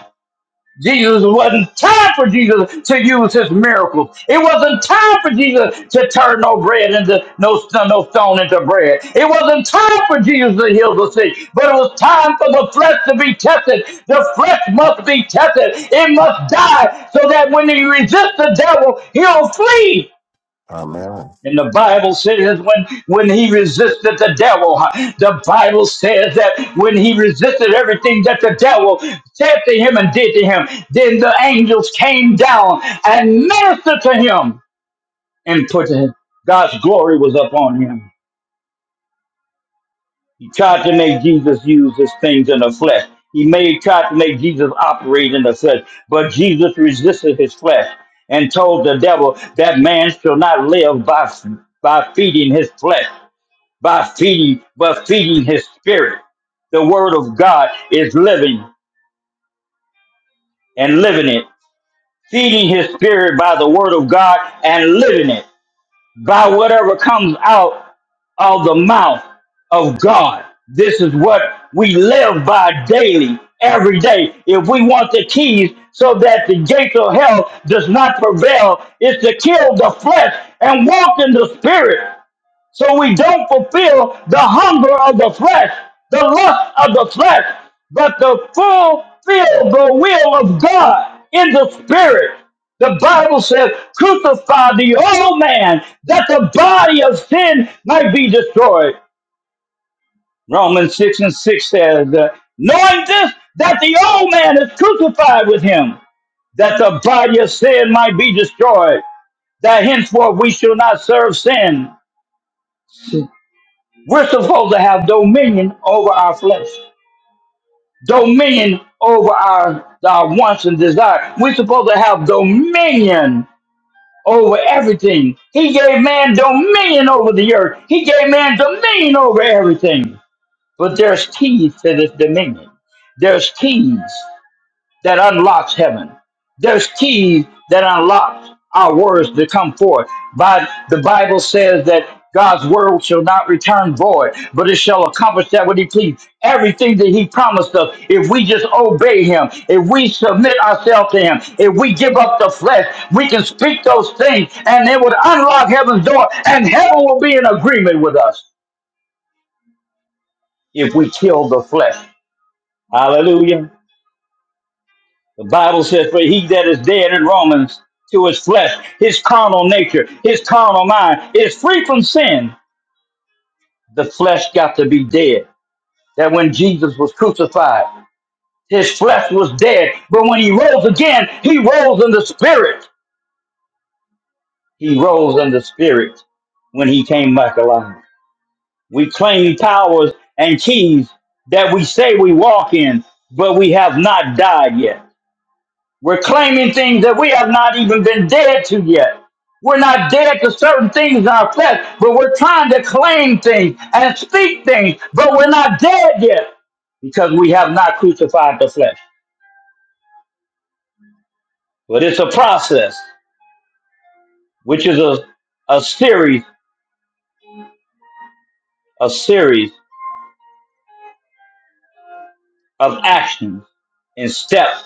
B: Jesus it wasn't time for Jesus to use his miracles. It wasn't time for Jesus to turn no bread into no, st- no stone into bread. It wasn't time for Jesus to heal the sick, but it was time for the flesh to be tested. The flesh must be tested. It must die so that when you resist the devil, he'll flee.
A: Amen.
B: And the Bible says when, when he resisted the devil, huh, the Bible says that when he resisted everything that the devil said to him and did to him, then the angels came down and ministered to him and put him. God's glory was upon him. He tried to make Jesus use his things in the flesh. He made tried to make Jesus operate in the flesh, but Jesus resisted his flesh and told the devil that man shall not live by by feeding his flesh. by feeding by feeding his spirit. The word of God is living and living it. Feeding his spirit by the word of God and living it. By whatever comes out of the mouth of God. This is what we live by daily, every day. If we want the keys so that the gates of hell does not prevail, it's to kill the flesh and walk in the spirit. so we don't fulfill the hunger of the flesh, the lust of the flesh, but to fulfill the will of God in the spirit. The Bible says, crucify the old man that the body of sin might be destroyed. Romans 6 and 6 says, uh, knowing this, that the old man is crucified with him, that the body of sin might be destroyed, that henceforth we shall not serve sin. We're supposed to have dominion over our flesh, dominion over our, our wants and desires. We're supposed to have dominion over everything. He gave man dominion over the earth, He gave man dominion over everything. But there's keys to this dominion. There's keys that unlocks heaven. There's keys that unlocks our words to come forth. But the Bible says that God's word shall not return void, but it shall accomplish that what he pleased. Everything that he promised us, if we just obey him, if we submit ourselves to him, if we give up the flesh, we can speak those things and it would unlock heaven's door and heaven will be in agreement with us if we kill the flesh. Hallelujah. The Bible says, For he that is dead in Romans to his flesh, his carnal nature, his carnal mind is free from sin. The flesh got to be dead. That when Jesus was crucified, his flesh was dead. But when he rose again, he rose in the spirit. He rose in the spirit when he came back alive. We claim powers and keys that we say we walk in, but we have not died yet. We're claiming things that we have not even been dead to yet. We're not dead to certain things in our flesh, but we're trying to claim things and speak things, but we're not dead yet because we have not crucified the flesh. But it's a process, which is a, a series, a series of actions and steps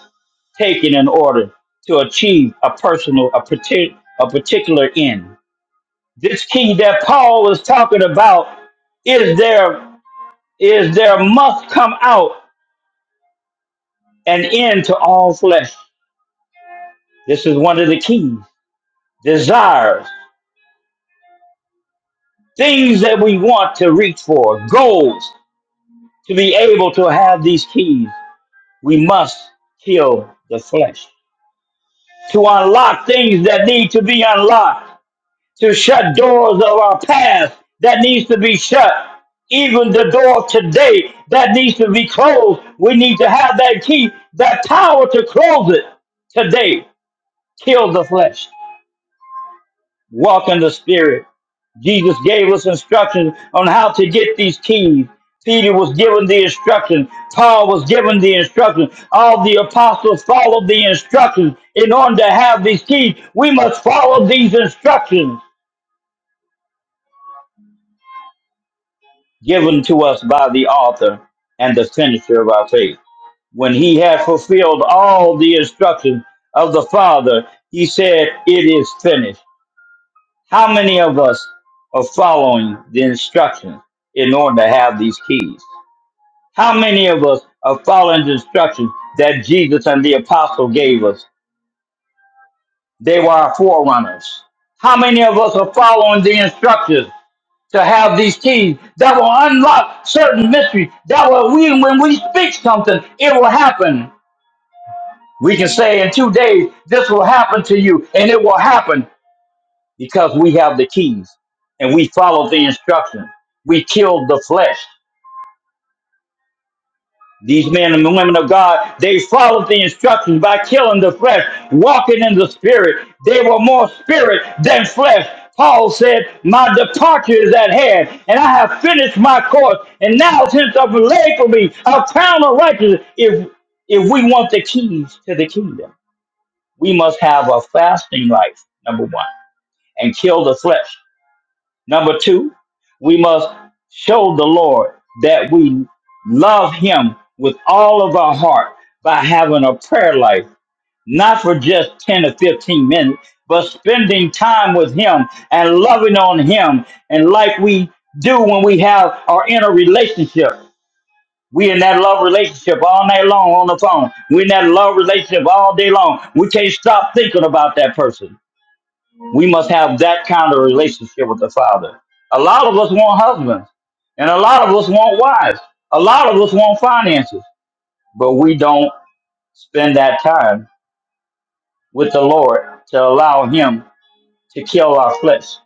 B: taken in order to achieve a personal, a, partic- a particular end. This key that Paul is talking about is there. is there must come out an end to all flesh. This is one of the keys. Desires, things that we want to reach for, goals. To be able to have these keys, we must kill the flesh. To unlock things that need to be unlocked, to shut doors of our past that needs to be shut. Even the door today that needs to be closed, we need to have that key, that power to close it today. Kill the flesh Walk in the Spirit. Jesus gave us instructions on how to get these keys. Peter was given the instruction. Paul was given the instruction. All the apostles followed the instructions. In order to have these keys, we must follow these instructions given to us by the author and the finisher of our faith. When he had fulfilled all the instructions of the Father, he said, It is finished. How many of us are following the instructions in order to have these keys? How many of us are following the instructions that Jesus and the apostle gave us? They were our forerunners. How many of us are following the instructions to have these keys that will unlock certain mysteries that will we when we speak something, it will happen. We can say in two days, this will happen to you, and it will happen. because we have the keys and we follow the instructions. We killed the flesh. These men and women of God, they followed the instructions by killing the flesh, walking in the spirit. They were more spirit than flesh. Paul said, My departure is at hand, and I have finished my course. And now, since I've laid for me a crown of righteousness, if if we want the keys to the kingdom, we must have a fasting life, number one, and kill the flesh. Number two, we must show the Lord that we love Him with all of our heart by having a prayer life, not for just 10 or 15 minutes, but spending time with Him and loving on Him. And like we do when we have our inner relationship, we in that love relationship all night long on the phone. We in that love relationship all day long. We can't stop thinking about that person. We must have that kind of relationship with the Father. A lot of us want husbands, and a lot of us want wives. A lot of us want finances, but we don't spend that time with the Lord to allow Him to kill our flesh,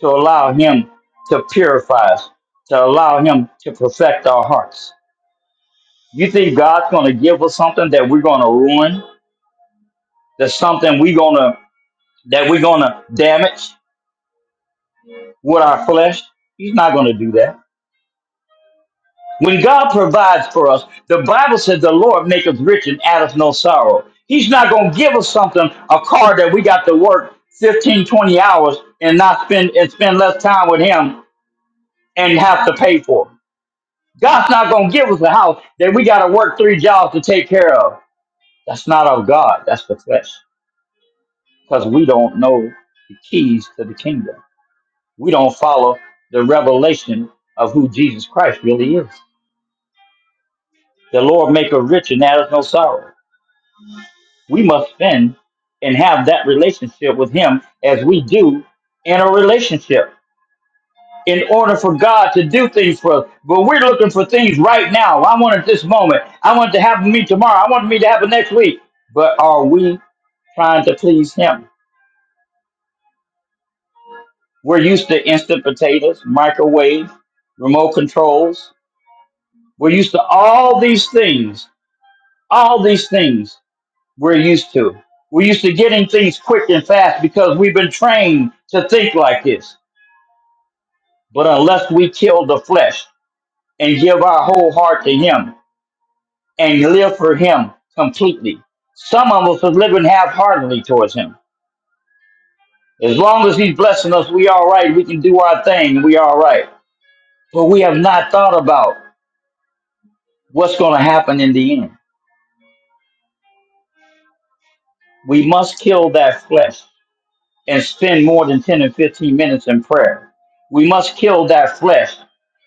B: to allow Him to purify us, to allow Him to perfect our hearts. You think God's going to give us something that we're going to ruin? That's something we're going to that we're going to damage with our flesh? He's not going to do that. When God provides for us, the Bible says the Lord maketh rich and addeth no sorrow. He's not going to give us something, a car that we got to work 15, 20 hours and not spend and spend less time with him and have to pay for. God's not going to give us a house that we got to work three jobs to take care of. That's not of God. That's the flesh because we don't know the keys to the kingdom. We don't follow the revelation of who Jesus Christ really is. The Lord maketh rich and addeth no sorrow. we must spend and have that relationship with him as we do in a relationship in order for God to do things for us. But we're looking for things right now. I want it this moment. I want it to happen to me tomorrow. I want me to happen next week. But are we trying to please him? We're used to instant potatoes, microwave, remote controls. We're used to all these things. All these things we're used to. We're used to getting things quick and fast because we've been trained to think like this. But unless we kill the flesh and give our whole heart to Him and live for Him completely, some of us are living half heartedly towards Him. As long as He's blessing us, we all right. We can do our thing. We all right. But we have not thought about what's going to happen in the end. We must kill that flesh. and spend more than 10 and 15 minutes in prayer. We must kill that flesh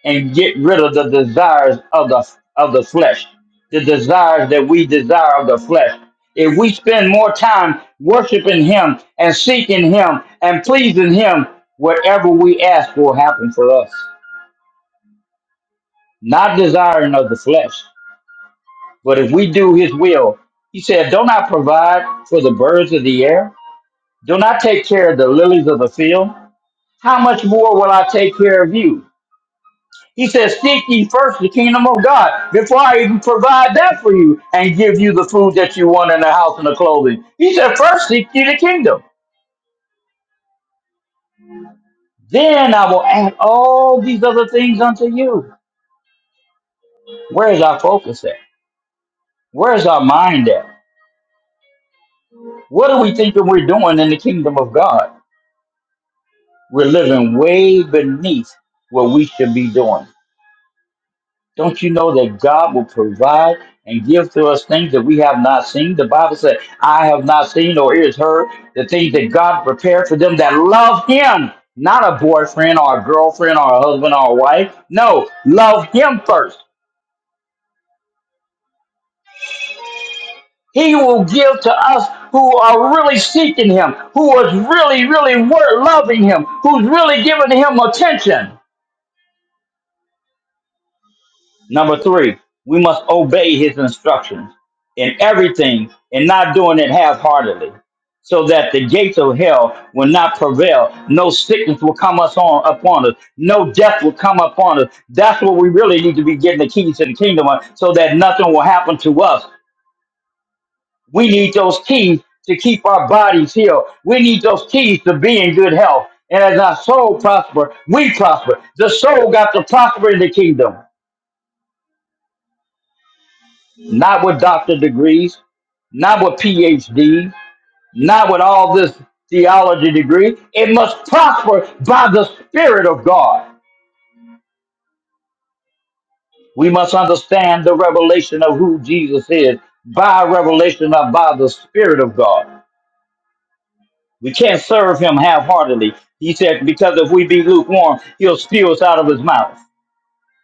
B: and get rid of the desires of the of the flesh, the desires that we desire of the flesh. If we spend more time worshiping him and seeking him and pleasing him, whatever we ask will happen for us. Not desiring of the flesh, but if we do his will, he said, Don't I provide for the birds of the air? Don't I take care of the lilies of the field? how much more will I take care of you? He says, Seek ye first the kingdom of God before I even provide that for you and give you the food that you want and the house and the clothing. He said, First seek ye the kingdom. Then I will add all these other things unto you. Where is our focus at? Where is our mind at? What are we thinking we're doing in the kingdom of God? We're living way beneath what we should be doing. Don't you know that God will provide and give to us things that we have not seen? The Bible said, I have not seen or ears heard the things that God prepared for them that love Him, not a boyfriend or a girlfriend or a husband or a wife. No, love Him first. He will give to us who are really seeking Him, who is really, really wor- loving Him, who's really giving Him attention. Number three, we must obey his instructions in everything and not doing it half heartedly, so that the gates of hell will not prevail. No sickness will come us on upon us, no death will come upon us. That's what we really need to be getting the keys to the kingdom on, so that nothing will happen to us. We need those keys to keep our bodies healed. We need those keys to be in good health. And as our soul prosper, we prosper. The soul got to prosper in the kingdom, not with doctor degrees not with PhD, not with all this theology degree. It must prosper by the Spirit of God. We must understand the revelation of who Jesus is by revelation of by the Spirit of God. We can't serve him half heartedly. He said, because if we be lukewarm, he'll spew us out of his mouth.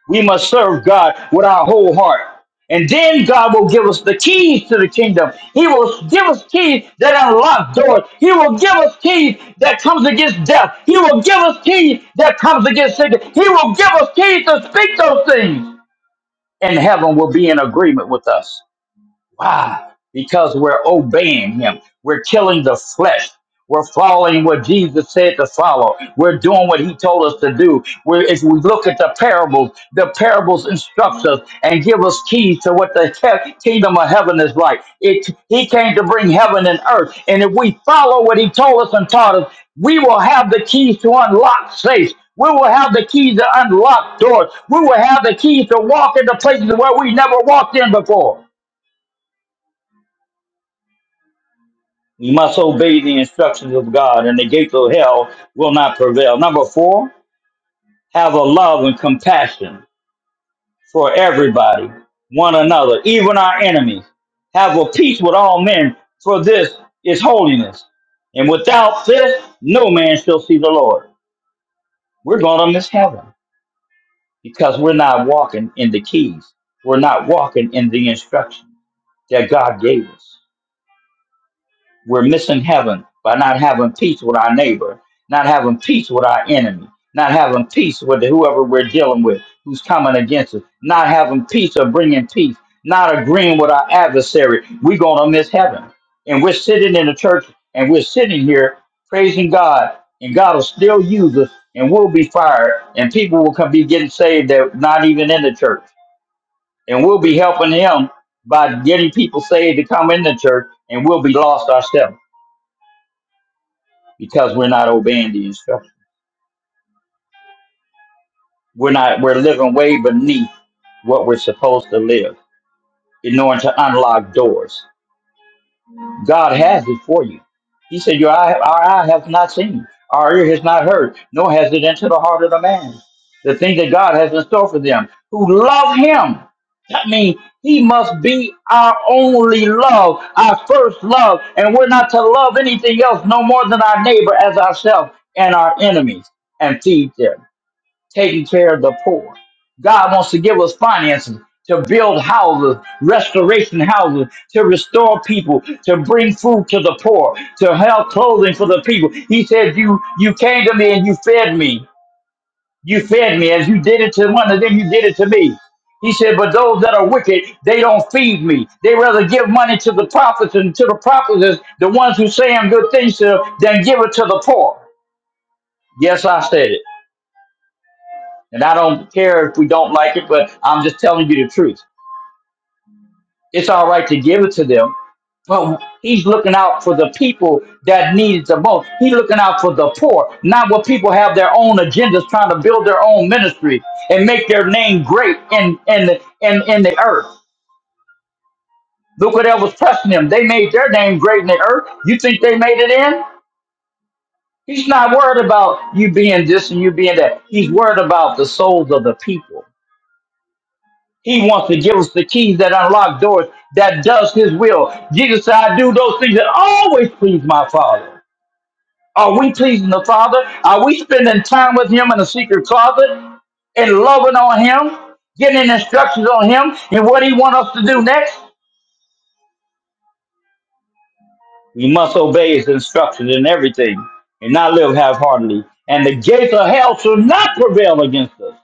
B: We must serve God with our whole heart. And then God will give us the keys to the kingdom. He will give us keys that unlock doors. He will give us keys that comes against death. He will give us keys that comes against sickness. He will give us keys to speak those things. And heaven will be in agreement with us. Why? Because we're obeying him. We're killing the flesh. We're following what Jesus said to follow. We're doing what he told us to do. We're, if we look at the parables, the parables instruct us and give us keys to what the he- kingdom of heaven is like. It, he came to bring heaven and earth. And if we follow what he told us and taught us, we will have the keys to unlock safes. We will have the keys to unlock doors. We will have the keys to walk into places where we never walked in before. You must obey the instructions of God, and the gates of hell will not prevail. Number four, have a love and compassion for everybody, one another, even our enemies. Have a peace with all men, for this is holiness. And without this, no man shall see the Lord. We're going to miss heaven because we're not walking in the keys. We're not walking in the instructions that God gave us. We're missing heaven by not having peace with our neighbor, not having peace with our enemy, not having peace with whoever we're dealing with who's coming against us, not having peace or bringing peace, not agreeing with our adversary. We're going to miss heaven. And we're sitting in the church and we're sitting here praising God, and God will still use us, and we'll be fired, and people will come be getting saved that not even in the church. And we'll be helping Him by getting people saved to come in the church, and we'll be lost ourselves because we're not obeying the instruction. We're not we're living way beneath what we're supposed to live in order to unlock doors. God has it for you. He said, Your eye our eye has not seen, our ear has not heard, nor has it entered the heart of the man. The thing that God has in store for them who love him. That means he must be our only love, our first love, and we're not to love anything else no more than our neighbor as ourselves and our enemies and feed them. taking care of the poor. God wants to give us finances to build houses, restoration houses, to restore people, to bring food to the poor, to help clothing for the people. He said, You you came to me and you fed me. You fed me as you did it to one of them, you did it to me. He said, But those that are wicked, they don't feed me. They rather give money to the prophets and to the prophetess, the ones who saying good things to them, than give it to the poor. Yes, I said it. And I don't care if we don't like it, but I'm just telling you the truth. It's all right to give it to them, but he's looking out for the people that need it the most. He's looking out for the poor, not what people have their own agendas trying to build their own ministry and make their name great in in the in, in the earth. Look what was pressing them. They made their name great in the earth. You think they made it in? He's not worried about you being this and you being that. He's worried about the souls of the people. He wants to give us the keys that unlock doors that does his will. Jesus said, I do those things that always please my Father. Are we pleasing the Father? Are we spending time with him in the secret closet and loving on him, getting instructions on him and what he wants us to do next? We must obey his instructions in everything and not live half-heartedly. And the gates of hell shall not prevail against us.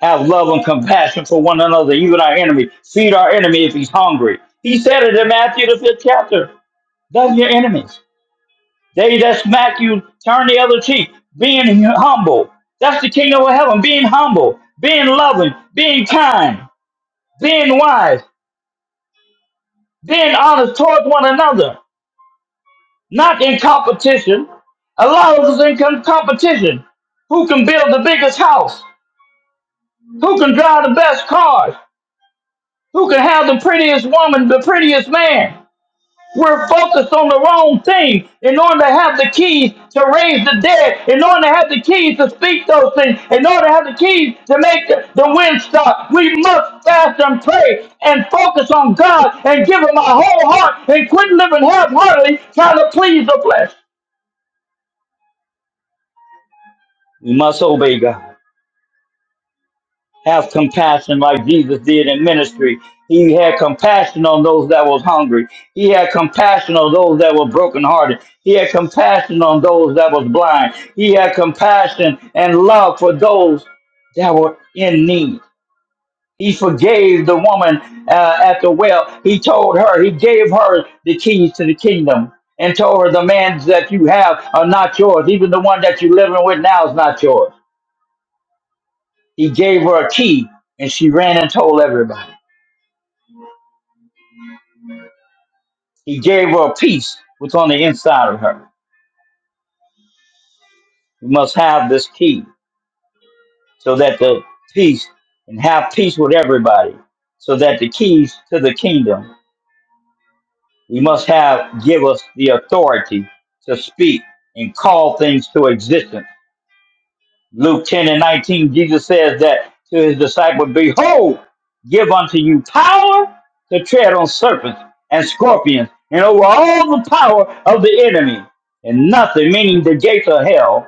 B: Have love and compassion for one another, even our enemy. Feed our enemy if he's hungry. He said it in Matthew the fifth chapter. Love your enemies. They that smack you, turn the other cheek. Being humble. That's the kingdom of heaven. Being humble, being loving, being kind, being wise, being honest towards one another. Not in competition. A lot of us in com- competition. Who can build the biggest house? Who can drive the best cars? Who can have the prettiest woman, the prettiest man? We're focused on the wrong thing in order to have the keys to raise the dead, in order to have the keys to speak those things, in order to have the keys to make the, the wind stop. We must fast and pray and focus on God and give Him our whole heart and quit living half heartedly trying to please the flesh. We must obey God. have compassion like Jesus did in ministry. He had compassion on those that was hungry. He had compassion on those that were brokenhearted. He had compassion on those that was blind. He had compassion and love for those that were in need. He forgave the woman uh, at the well. He told her, he gave her the keys to the kingdom and told her the man that you have are not yours. Even the one that you're living with now is not yours. He gave her a key and she ran and told everybody. He gave her a peace which on the inside of her. We must have this key so that the peace and have peace with everybody, so that the keys to the kingdom we must have give us the authority to speak and call things to existence. Luke 10 and 19, Jesus says that to his disciple, Behold, give unto you power to tread on serpents and scorpions and over all the power of the enemy, and nothing, meaning the gates of hell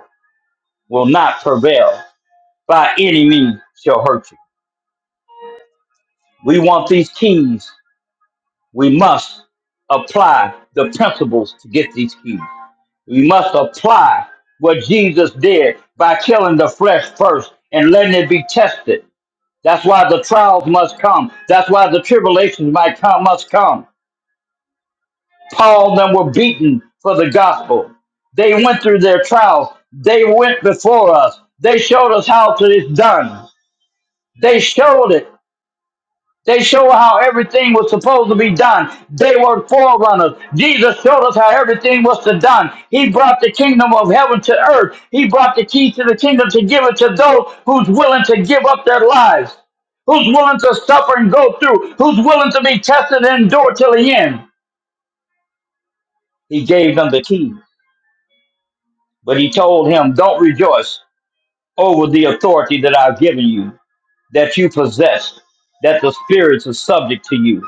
B: will not prevail by any means shall hurt you. We want these keys. We must apply the principles to get these keys. We must apply what Jesus did by killing the flesh first and letting it be tested. That's why the trials must come. That's why the tribulations might come must come. Paul and them were beaten for the gospel. They went through their trials. They went before us. They showed us how to it's done. They showed it They show how everything was supposed to be done. They were forerunners. Jesus showed us how everything was to done. He brought the kingdom of heaven to earth. He brought the keys to the kingdom to give it to those who's willing to give up their lives, who's willing to suffer and go through, who's willing to be tested and endure till the end. He gave them the keys, but he told him, "Don't rejoice over the authority that I've given you. that you possess, that the spirits are subject to you.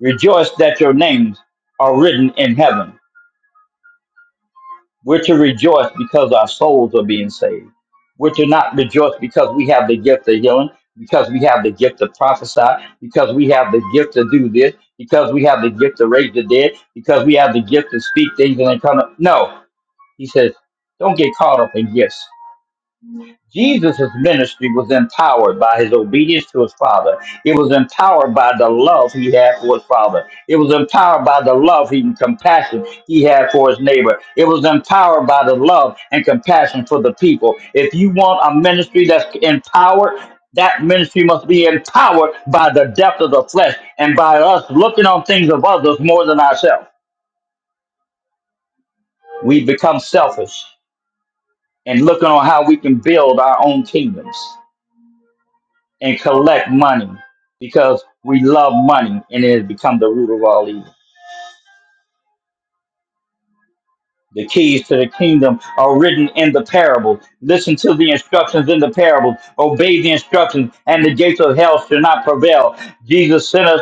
B: Rejoice that your names are written in heaven. We're to rejoice because our souls are being saved. We're to not rejoice because we have the gift of healing, because we have the gift to prophesy, because we have the gift to do this, because we have the gift to raise the dead, because we have the gift to speak things and they come up. No, he says, don't get caught up in gifts. Jesus' ministry was empowered by his obedience to his father. It was empowered by the love he had for his father. It was empowered by the love and compassion he had for his neighbor. It was empowered by the love and compassion for the people. If you want a ministry that's empowered, that ministry must be empowered by the depth of the flesh and by us looking on things of others more than ourselves. We become selfish and looking on how we can build our own kingdoms. and collect money because we love money and it has become the root of all evil. The keys to the kingdom are written in the parable. Listen to the instructions in the parable. Obey the instructions, and the gates of hell shall not prevail. Jesus sent us,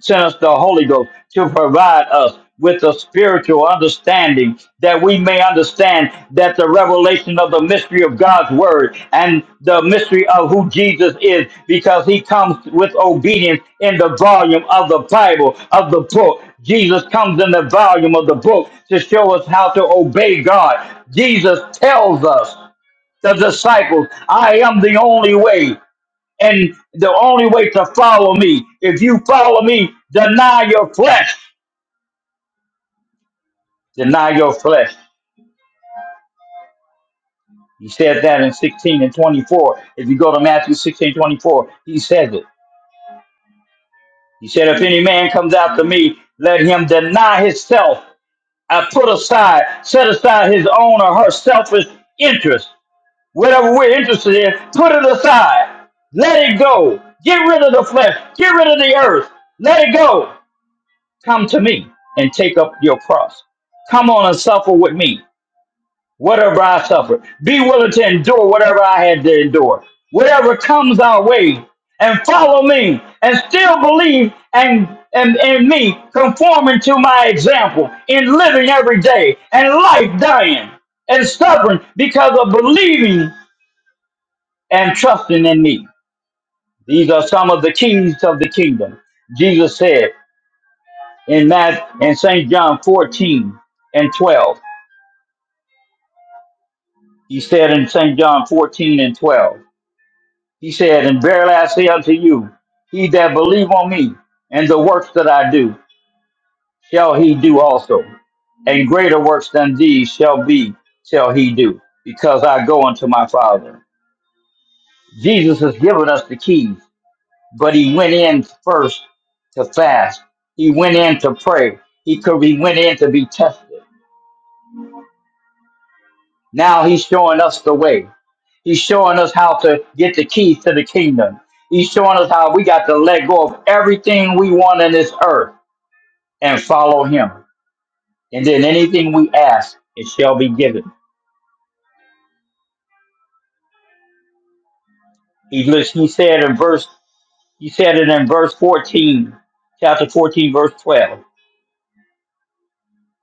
B: sent us the Holy Ghost to provide us with a spiritual understanding that we may understand that the revelation of the mystery of God's word and the mystery of who Jesus is, because he comes with obedience in the volume of the Bible, of the book, Jesus comes in the volume of the book to show us how to obey God. Jesus tells us, the disciples, I am the only way, and the only way to follow me. If you follow me, deny your flesh. Deny your flesh. He said that in 16 and 24. If you go to Matthew 16 24, he says it. He said, If any man comes after me, let him deny himself. I put aside, set aside his own or her selfish interest whatever we're interested in, put it aside. Let it go. Get rid of the flesh. Get rid of the earth. Let it go. Come to me and take up your cross. Come on and suffer with me, whatever I suffer. Be willing to endure whatever I had to endure. Whatever comes our way, and follow me, and still believe and and and me conforming to my example in living every day and life dying and stubborn because of believing and trusting in me. These are some of the keys of the kingdom. Jesus said in Matt in St. John 14 and 12. He said in St. John 14 and 12. He said, And verily I say unto you, he that believe on me and the works that I do, shall he do also. And greater works than these shall be, shall he do, because I go unto my Father. Jesus has given us the keys. but he went in first to fast. He went in to pray. He could be went in to be tested. Now he's showing us the way. He's showing us how to get the keys to the kingdom. He's showing us how we got to let go of everything we want in this earth and follow him. And then anything we ask, it shall be given. He lis- he said in verse he said it in verse 14, chapter 14, verse 12.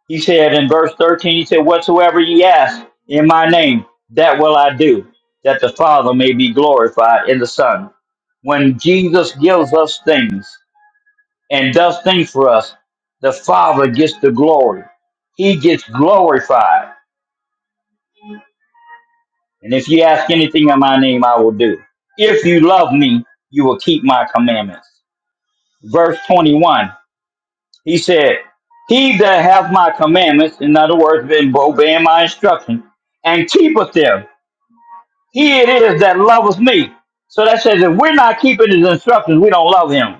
B: He said in verse 13, he said, Whatsoever ye ask in my name, that will I do, that the Father may be glorified in the Son. When Jesus gives us things and does things for us, the Father gets the glory. He gets glorified. And if you ask anything in my name, I will do. If you love me, you will keep my commandments. Verse 21 He said, He that hath my commandments, in other words, been obeying my instruction, and keepeth them, he it is that loveth me. So that says, if we're not keeping his instructions, we don't love him.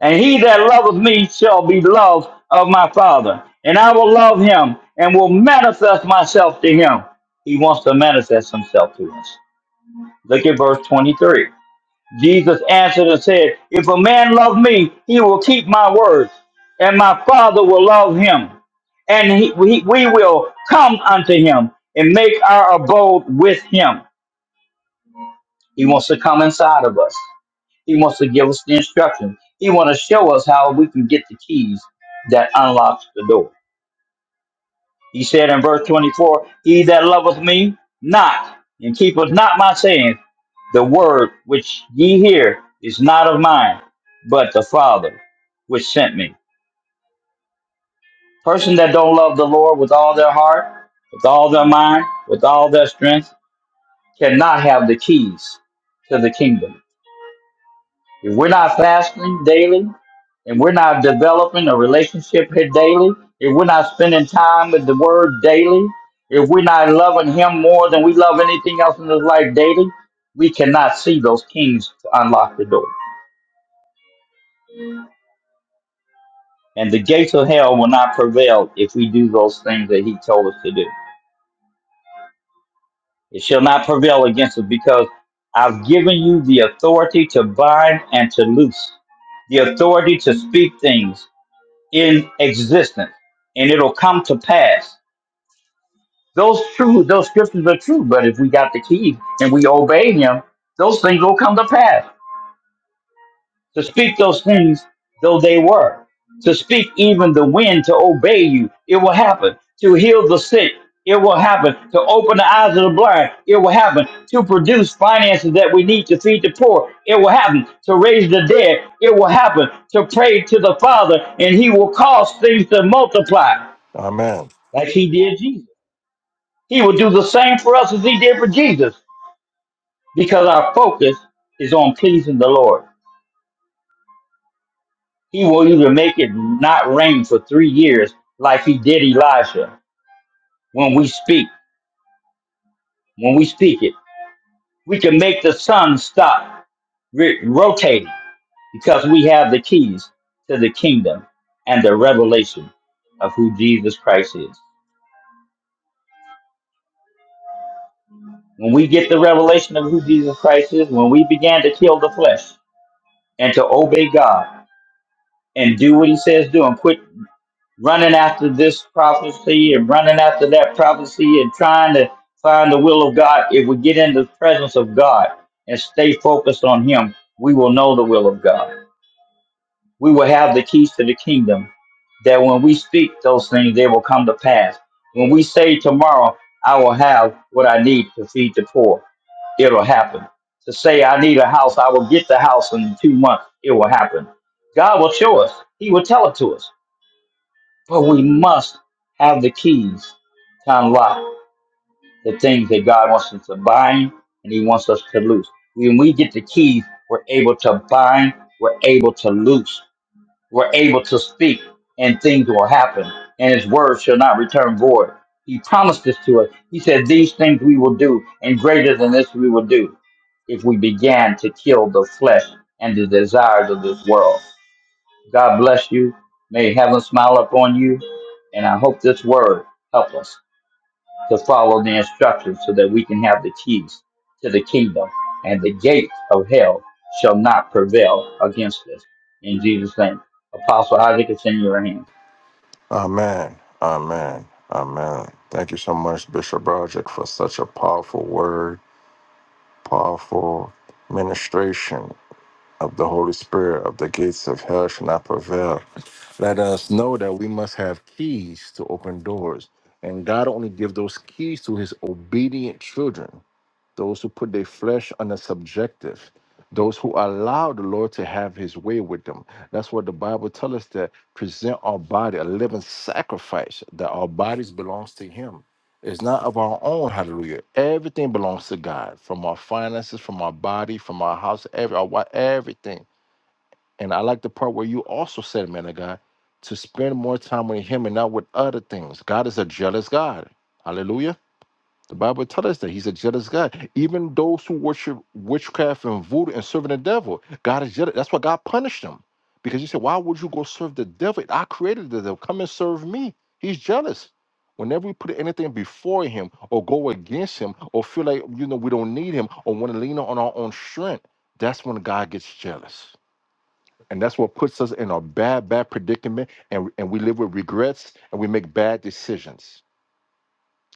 B: And he that loveth me shall be loved of my Father. And I will love him and will manifest myself to him. He wants to manifest himself to us. Look at verse 23. Jesus answered and said, If a man love me, he will keep my words, and my Father will love him, and he, we, we will come unto him and make our abode with him. He wants to come inside of us. He wants to give us the instruction. He wants to show us how we can get the keys that unlocks the door. He said in verse 24, He that loveth me not, and keepeth not my sayings, the word which ye hear is not of mine, but the Father which sent me. Person that don't love the Lord with all their heart, with all their mind, with all their strength, cannot have the keys to the kingdom. If we're not fasting daily, and we're not developing a relationship here daily, if we're not spending time with the Word daily, if we're not loving Him more than we love anything else in this life daily, we cannot see those kings to unlock the door. And the gates of hell will not prevail if we do those things that He told us to do. It shall not prevail against us because I've given you the authority to bind and to loose, the authority to speak things, in existence and it'll come to pass. Those true, those scriptures are true, but if we got the key and we obey him, those things will come to pass. To speak those things though they were, to speak even the wind to obey you, it will happen. To heal the sick, it will happen. To open the eyes of the blind, it will happen. To produce finances that we need to feed the poor, it will happen. To raise the dead, it will happen. To pray to the Father, and He will cause things to multiply.
A: Amen.
B: like he did Jesus. He will do the same for us as he did for Jesus because our focus is on pleasing the Lord. He will even make it not rain for three years like he did Elijah when we speak, when we speak it. We can make the sun stop ri- rotating because we have the keys to the kingdom and the revelation of who Jesus Christ is. When we get the revelation of who Jesus Christ is, when we began to kill the flesh and to obey God, and do what he says do and quit running after this prophecy and running after that prophecy and trying to find the will of God. If we get in the presence of God and stay focused on him, we will know the will of God. We will have the keys to the kingdom that when we speak those things, they will come to pass. When we say tomorrow, I will have what I need to feed the poor, it'll happen. To say I need a house, I will get the house in two months, it will happen. God will show us. He will tell it to us. But we must have the keys to unlock the things that God wants us to bind and He wants us to loose. When we get the keys, we're able to bind, we're able to loose, we're able to speak, and things will happen. And His word shall not return void. He promised this to us. He said, These things we will do, and greater than this we will do if we began to kill the flesh and the desires of this world. God bless you. May heaven smile upon you. And I hope this word help us to follow the instructions so that we can have the keys to the kingdom. And the gate of hell shall not prevail against us. In Jesus' name. Apostle Isaac, it's in your hands.
A: Amen. Amen. Amen. Thank you so much, Bishop Roger, for such a powerful word, powerful ministration. of the Holy Spirit of the gates of hell shall not prevail. Let us know that we must have keys to open doors. And God only gives those keys to his obedient children those who put their flesh on a subjective, those who allow the Lord to have his way with them. That's what the Bible tells us that present our body a living sacrifice, that our bodies belongs to him. It's not of our own, hallelujah. Everything belongs to God, from our finances, from our body, from our house, every our wi- everything. And I like the part where you also said, man of God, to spend more time with him and not with other things. God is a jealous God. Hallelujah. The Bible tells us that he's a jealous God. Even those who worship witchcraft and voodoo and serving the devil, God is jealous. That's why God punished them. Because he said, Why would you go serve the devil? I created the devil. Come and serve me. He's jealous. Whenever we put anything before him or go against him or feel like you know we don't need him or want to lean on our own strength, that's when God gets jealous. And that's what puts us in a bad, bad predicament, and, and we live with regrets and we make bad decisions.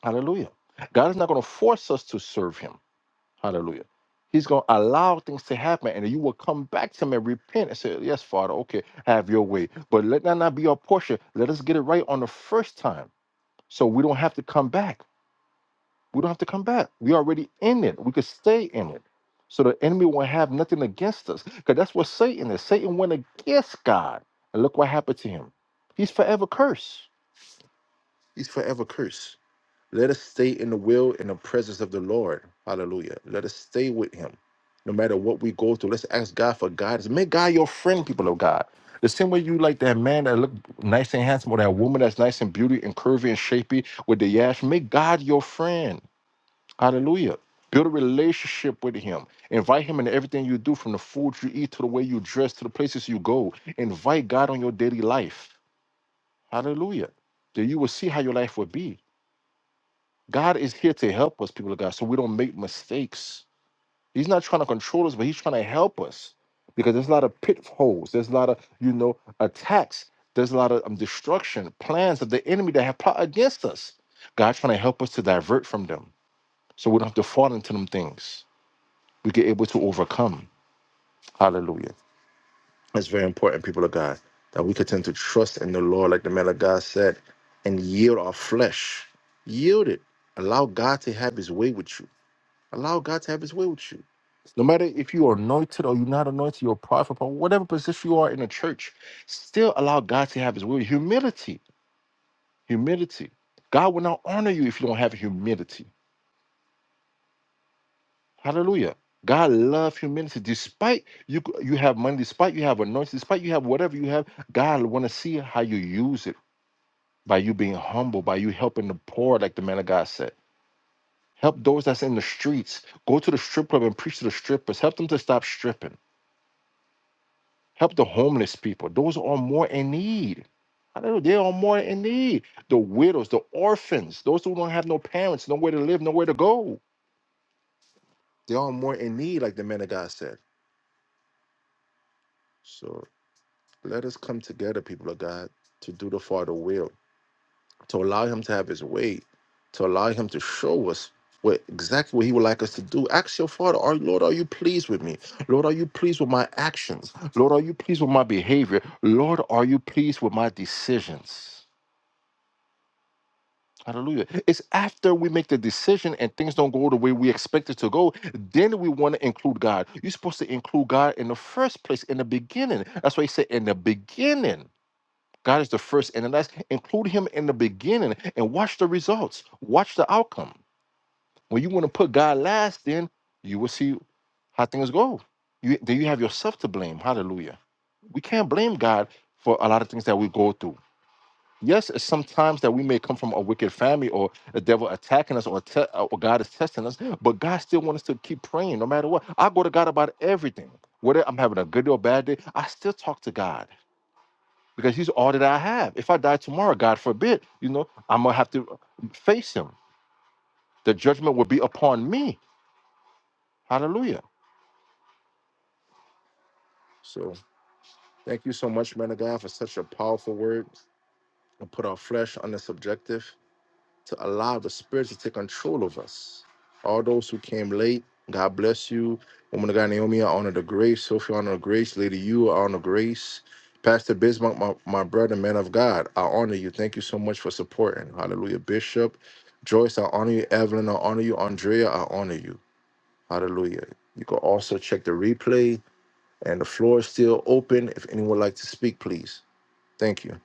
A: Hallelujah. God is not going to force us to serve him. Hallelujah. He's going to allow things to happen and you will come back to him and repent and say, Yes, Father, okay, have your way. But let that not be our portion. Let us get it right on the first time so we don't have to come back. We don't have to come back. we already in it. We could stay in it. So the enemy won't have nothing against us because that's what Satan is. Satan went against God. And look what happened to him. He's forever cursed. He's forever cursed. Let us stay in the will and the presence of the Lord. Hallelujah. Let us stay with him. No matter what we go through, let's ask God for guidance. Make God your friend, people of God. The same way you like that man that look nice and handsome, or that woman that's nice and beauty and curvy and shapy with the yash. Make God your friend. Hallelujah. Build a relationship with him. Invite him into everything you do, from the food you eat to the way you dress to the places you go. Invite God on your daily life. Hallelujah. Then you will see how your life will be. God is here to help us, people of God, so we don't make mistakes. He's not trying to control us, but he's trying to help us because there's a lot of pitfalls. There's a lot of, you know, attacks. There's a lot of um, destruction, plans of the enemy that have plot against us. God's trying to help us to divert from them so we don't have to fall into them things. We get able to overcome. Hallelujah. That's very important, people of God, that we continue to trust in the Lord, like the man of God said, and yield our flesh. Yield it. Allow God to have his way with you Allow God to have his way with you. No matter if you are anointed or you're not anointed, you're a prophet, or whatever position you are in a church, still allow God to have his way. Humility. Humility. God will not honor you if you don't have humility. Hallelujah. God love humility. Despite you you have money, despite you have anointing, despite you have whatever you have, God want to see how you use it by you being humble, by you helping the poor, like the man of God said. Help those that's in the streets. Go to the strip club and preach to the strippers. Help them to stop stripping. Help the homeless people. Those who are more in need. Hallelujah. They are more in need. The widows, the orphans, those who don't have no parents, nowhere to live, nowhere to go. They are more in need, like the man of God said. So let us come together, people of God, to do the Father will, to allow Him to have His way, to allow Him to show us what exactly what He would like us to do. Ask your Father, are, Lord, are you pleased with me? Lord, are you pleased with my actions? Lord, are you pleased with my behavior? Lord, are you pleased with my decisions? Hallelujah. It's after we make the decision and things don't go the way we expect it to go, then we want to include God. You're supposed to include God in the first place, in the beginning. That's why he said, in the beginning. God is the first and the last. Include him in the beginning and watch the results. Watch the outcome. When you want to put God last, then you will see how things go. You, then you have yourself to blame. Hallelujah. We can't blame God for a lot of things that we go through. Yes, it's sometimes that we may come from a wicked family or the devil attacking us or, te- or God is testing us, but God still wants us to keep praying no matter what. I go to God about everything. Whether I'm having a good or bad day, I still talk to God because He's all that I have. If I die tomorrow, God forbid, you know, I'm going to have to face Him. The judgment will be upon me. Hallelujah. So thank you so much, man of God, for such a powerful word and put our flesh on the subjective. to allow the Spirit to take control of us. All those who came late, God bless you. Woman of God, Naomi, I honor the grace. Sophie, I honor the grace. Lady, you I honor grace. Pastor Bismarck, my, my brother, man of God, I honor you. Thank you so much for supporting. Hallelujah. Bishop, Joyce, I honor you. Evelyn, I honor you. Andrea, I honor you. Hallelujah. You can also check the replay, and the floor is still open. If anyone would like to speak, please. Thank you.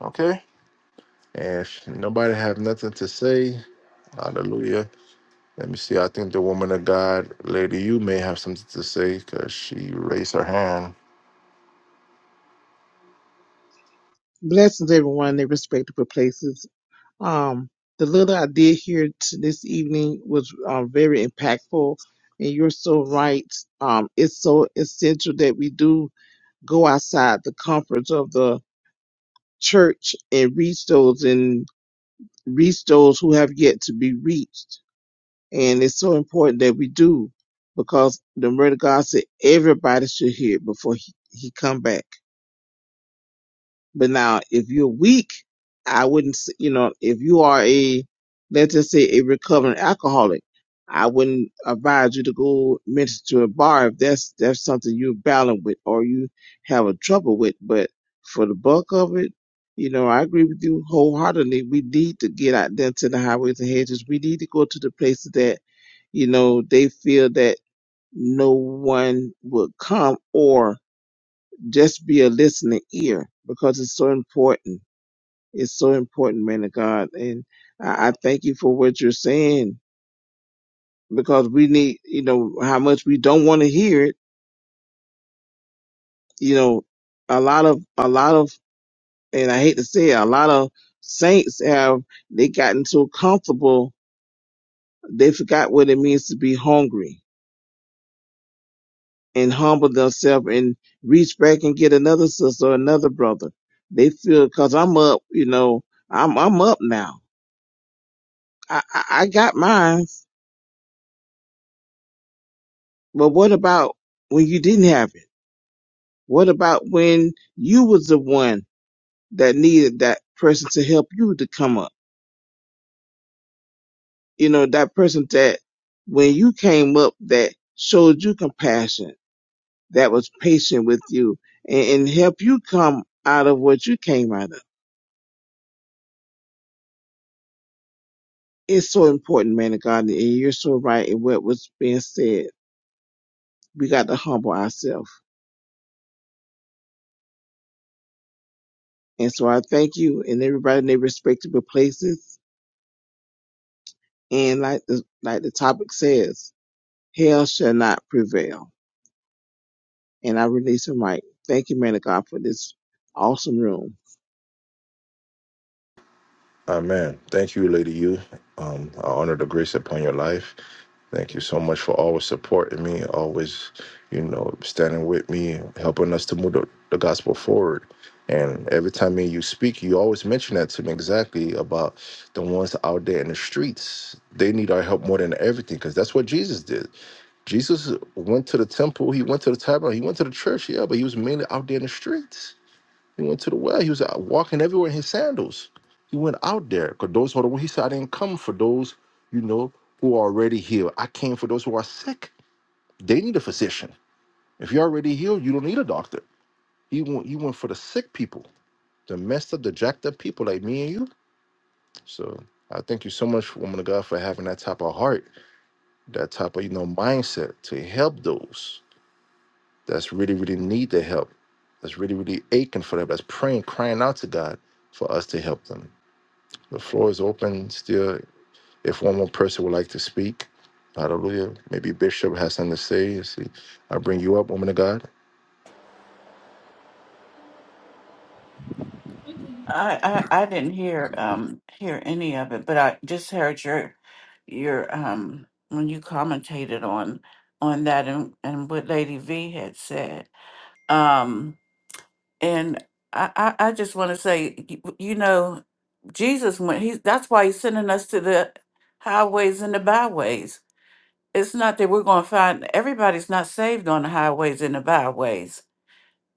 A: Okay. And if nobody have nothing to say, hallelujah. Let me see. I think the woman of God, Lady, you may have something to say because she raised her hand.
D: Blessings, everyone, in their respectable places. Um, the little I did here t- this evening was um, very impactful, and you're so right. Um, it's so essential that we do go outside the comforts of the church and reach those and reach those who have yet to be reached. And it's so important that we do because the word of God said everybody should hear it before he, he come back. But now, if you're weak, I wouldn't, s- you know, if you are a, let's just say a recovering alcoholic, I wouldn't advise you to go minister to a bar if that's, that's something you're battling with or you have a trouble with. But for the bulk of it, you know, I agree with you wholeheartedly. We need to get out there to the highways and hedges. We need to go to the places that, you know, they feel that no one would come or just be a listening ear because it's so important. It's so important, man of God. And I, I thank you for what you're saying because we need, you know, how much we don't want to hear it. You know, a lot of, a lot of, and I hate to say it, a lot of saints have, they gotten so comfortable, they forgot what it means to be hungry and humble themselves and reach back and get another sister or another brother. They feel, cause I'm up, you know, I'm, I'm up now I, I I got mine, but what about when you didn't have it? What about when you was the one that needed that person to help you to come up? You know, that person that when you came up that showed you compassion, that was patient with you and, and helped you come out of what you came out of. It's so important, man of God, and you're so right in what was being said. We got to humble ourselves. And so I thank you and everybody in their respective places And like the like the topic says, hell shall not prevail. And I release the mic. Thank you, man of God, for this awesome room.
A: Um, I honor the grace upon your life. Thank you so much for always supporting me, always, you know, standing with me, helping us to move the, the gospel forward. And every time me and you speak, you always mention that to me exactly about the ones out there in the streets. They need our help more than everything because that's what Jesus did. Jesus went to the temple, he went to the tabernacle, he went to the church, yeah, but he was mainly out there in the streets He went to the well. He was out walking everywhere in his sandals. He went out there because those who are the he said, I didn't come for those, you know, who are already healed. I came for those who are sick. They need a physician. If you're already healed, you don't need a doctor. He went, he went for the sick people, the messed up, jacked up people like me and you. So I thank you so much, woman of God, for having that type of heart, that type of, you know, mindset to help those that's really, really need the help, that's really, really aching for that, that's praying, crying out to God for us to help them. The floor is open still. If one more person would like to speak, hallelujah. Maybe Bishop has something to say. let See, I bring you up, woman of God.
E: I, I I didn't hear um hear any of it, but I just heard your your um when you commentated on on that and, and what Lady V had said. Um and I, I, I just want to say you, you know Jesus went he that's why he's sending us to the highways and the byways. It's not that we're going to find everybody's not saved on the highways and the byways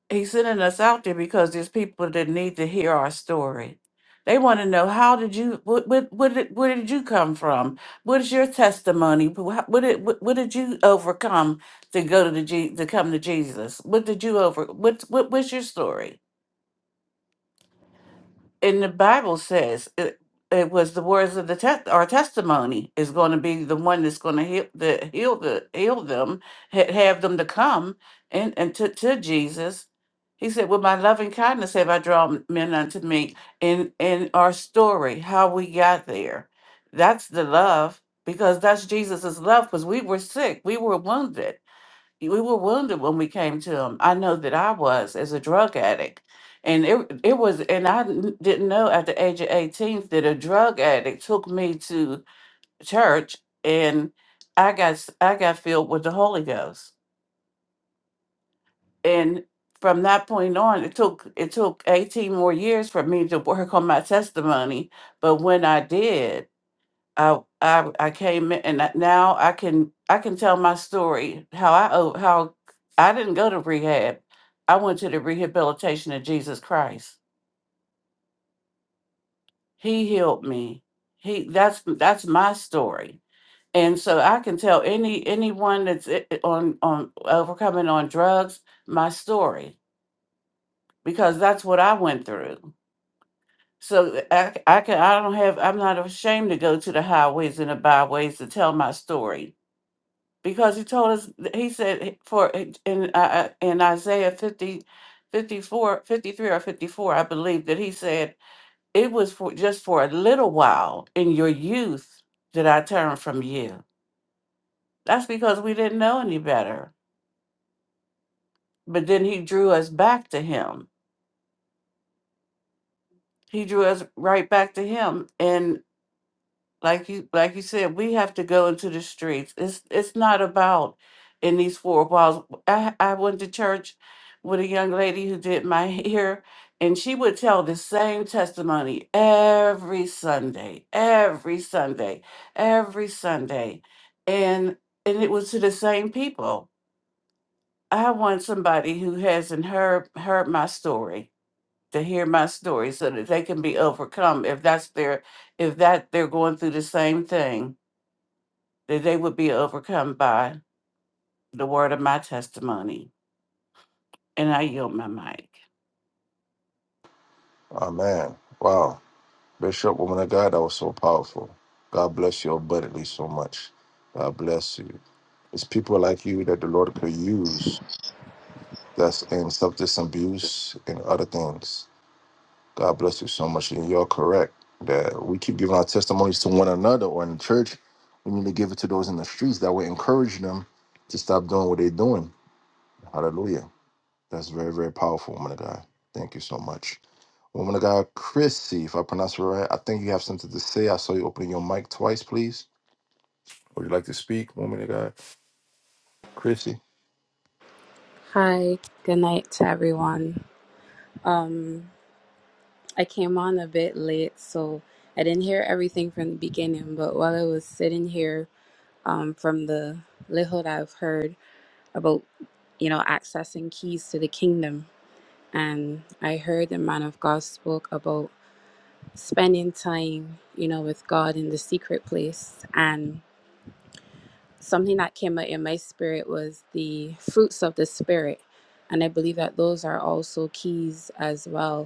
E: He's sending us out there because there's people that need to hear our story. They want to know how did you what what what did, where did you come from? What is your testimony? Wh- how- What did what, what did you overcome to go to the G, to come to Jesus? What did you over what what was your story? And the Bible says it, it was the words of the test our testimony is going to be the one that's going to heal the heal the heal them ha- have them to come and and to, to Jesus. He said, "With my loving kindness have I drawn men unto me." In in our story, how we got there, that's the love because that's Jesus's love. Because we were sick, we were wounded we were wounded when we came to him. I know that I was as a drug addict. And it it was and I n- didn't know at the age of 18 that a drug addict took me to church and I got s- I got filled with the Holy Ghost. And from that point on, it took it took 18 more years for me to work on my testimony, but when I did, I I I came in and that- now I can I can tell my story how I o- how I didn't go to rehab. I went to the rehabilitation of Jesus Christ. He healed me. He that's that's my story. And so I can tell any anyone that's i- i- on on overcoming on drugs my story because that's what I went through. So eh, I, I can I don't have I'm not ashamed to go to the highways and the byways to tell my story because he told us he said for in uh, uh, in Isaiah 50, 54, 53 or 54 I believe that he said it was for just for a little while in your youth that I turned from you that's because we didn't know any better but then he drew us back to him he drew us right back to him and. like you like you said, we have to go into the streets. It's it's not about in these four walls. I I went to church with a young lady who did my hair, and she would tell the same testimony every Sunday, every Sunday, every Sunday, and and it was to the same people. I want somebody who hasn't heard heard my story to hear my story so that they can be overcome if that's their if that they're going through the same thing that they would be overcome by the word of my testimony. And I yield my mic.
A: Man, wow, woman of God, that was so powerful. God bless you abundantly so much. God bless you. It's people like you that the Lord could use that's in substance abuse and other things. God bless you so much. And you're correct that we keep giving our testimonies to one another or in the church. We need to give it to those in the streets that will encourage them to stop doing what they're doing Hallelujah. That's very, very powerful, woman of God. Thank you so much. Woman of God, Chrissy, if I pronounce it right, I think you have something to say. I saw you opening your mic twice, please. Would you like to speak, woman of God? Chrissy.
F: Hi, good night to everyone. Um, I came on a bit late, so I didn't hear everything from the beginning, but while I was sitting here, um, from the little that I've heard about, you know, accessing keys to the kingdom, and I heard the man of God spoke about spending time, you know, with God in the secret place, and something that came out in my spirit was the fruits of the spirit, and I believe that those are also keys as well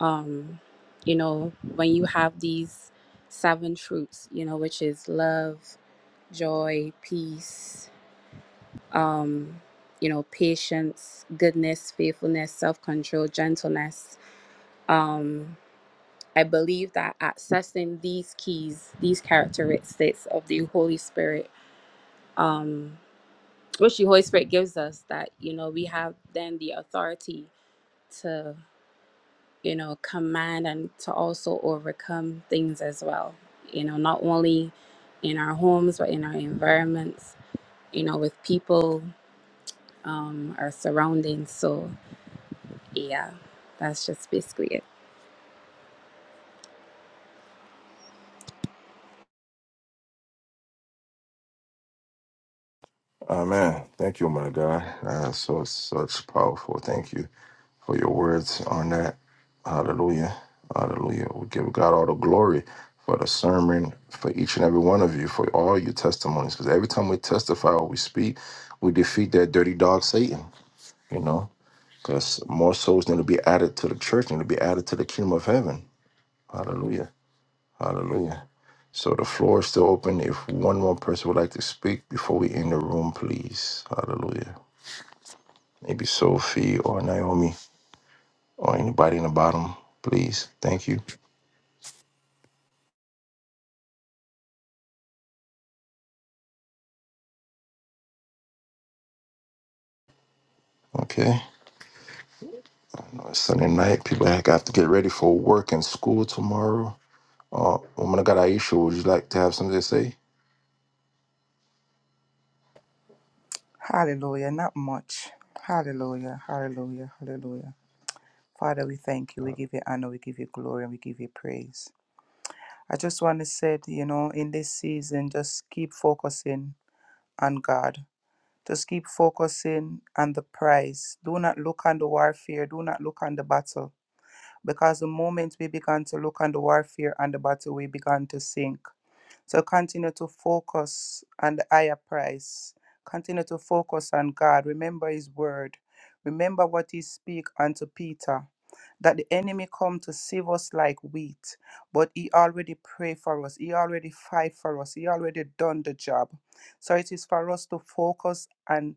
F: um you know when you have these seven fruits you know which is love joy peace um you know patience goodness faithfulness self-control gentleness um i believe that accessing these keys these characteristics of the holy spirit um which the holy spirit gives us that you know we have then the authority you know, command and to also overcome things as well, you know, not only in our homes, but in our environments, you know, with people, um, our surroundings. So, yeah, that's just basically it.
A: Amen. Thank you, woman of God. Uh, so it's such powerful. Thank you for your words on that. Hallelujah. Hallelujah. We give God all the glory for the sermon, for each and every one of you, for all your testimonies. Because every time we testify or we speak, we defeat that dirty dog Satan. you know, because more souls need to be added to the church, need to be added to the kingdom of heaven. Hallelujah. Hallelujah. So the floor is still open. If one more person would like to speak before we end the room, please. Hallelujah. Maybe Sophie or Naomi or anybody in the bottom, please. Thank you. Okay. Sunday night, people have got to get ready for work and school tomorrow. Uh, woman of God, Aisha, would you like to have something to say?
G: Hallelujah. Not much. Hallelujah. Hallelujah. Hallelujah. Father, we thank you. We give you honor. We give you glory. And we give you praise. I just want to say, you know, in this season, just keep focusing on God. Just keep focusing on the prize. Do not look on the warfare. Do not look on the battle. Because the moment we began to look on the warfare and the battle, we began to sink. So continue to focus on the higher price. Continue to focus on God. Remember His word. Remember what He speak unto Peter. That the enemy come to save us like wheat, but he already pray for us. He already fight for us. He already done the job. So it is for us to focus and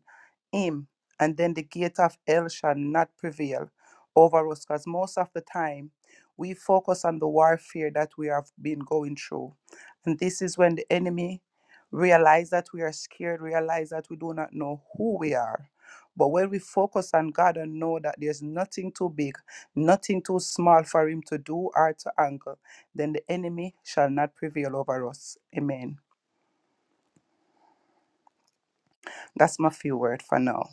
G: him, and then the gate of hell shall not prevail over us. Because most of the time, we focus on the warfare that we have been going through. And this is when the enemy realize that we are scared, realize that we do not know who we are. But when we focus on God and know that there's nothing too big, nothing too small for him to do or to angle, then the enemy shall not prevail over us. Amen. That's my few word for now.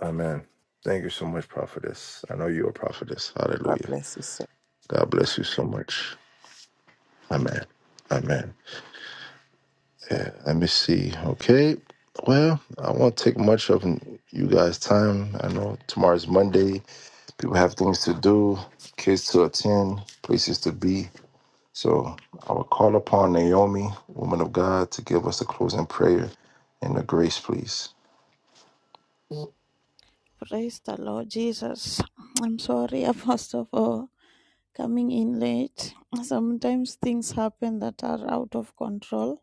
A: Amen. Thank you so much, prophetess. I know you're a prophetess.
G: God
A: Hallelujah.
G: bless you, sir.
A: God bless you so much. Amen. Amen. Let me see. Okay. Well, I won't take much of you guys' time. I know tomorrow's Monday. People have things to do, kids to attend, places to be. So I will call upon Naomi, woman of God, to give us a closing prayer and the grace, please.
H: Praise the Lord Jesus. I'm sorry I first of all coming in late. Sometimes things happen that are out of control.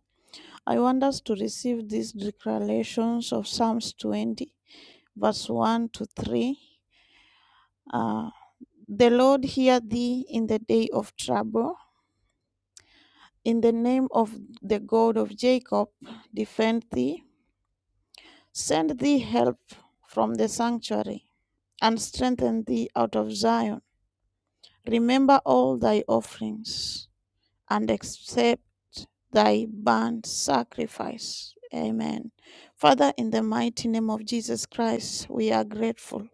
H: I want us to receive these declarations of Psalms 20, verse 1 to 3. Uh, the Lord hear thee in the day of trouble. In the name of the God of Jacob, defend thee. Send thee help from the sanctuary and strengthen thee out of Zion Remember all thy offerings and accept thy burnt sacrifice. Amen. Father, in the mighty name of Jesus Christ, we are grateful.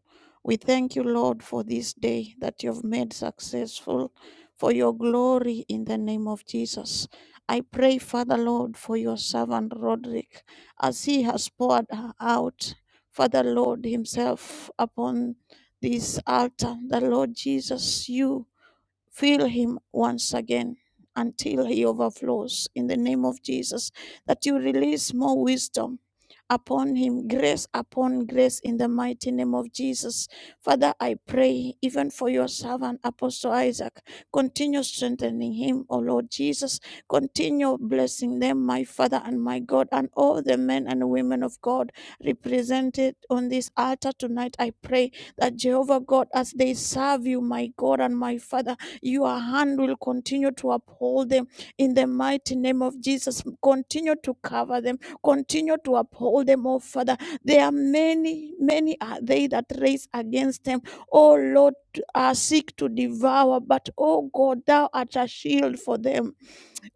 H: We thank you, Lord, for this day that you've made successful for your glory in the name of Jesus. I pray, Father, Lord, for your servant Roderick as he has poured out, Father, Lord, himself upon this altar. The Lord Jesus, you. Fill him once again until he overflows in the name of Jesus. That you release more wisdom upon him, grace upon grace in the mighty name of Jesus. Father, I pray even for your servant, Apostle Isaac. Continue strengthening him, O Lord Jesus. Continue blessing them, my Father and my God, and all the men and women of God represented on this altar tonight. I pray that Jehovah God, as they serve you, my God and my Father, your hand will continue to uphold them in the mighty name of Jesus. Continue to cover them, continue to uphold them, oh Father. There are many, many are they that race against them. Oh Lord, are seek to devour, but oh God, thou art a shield for them.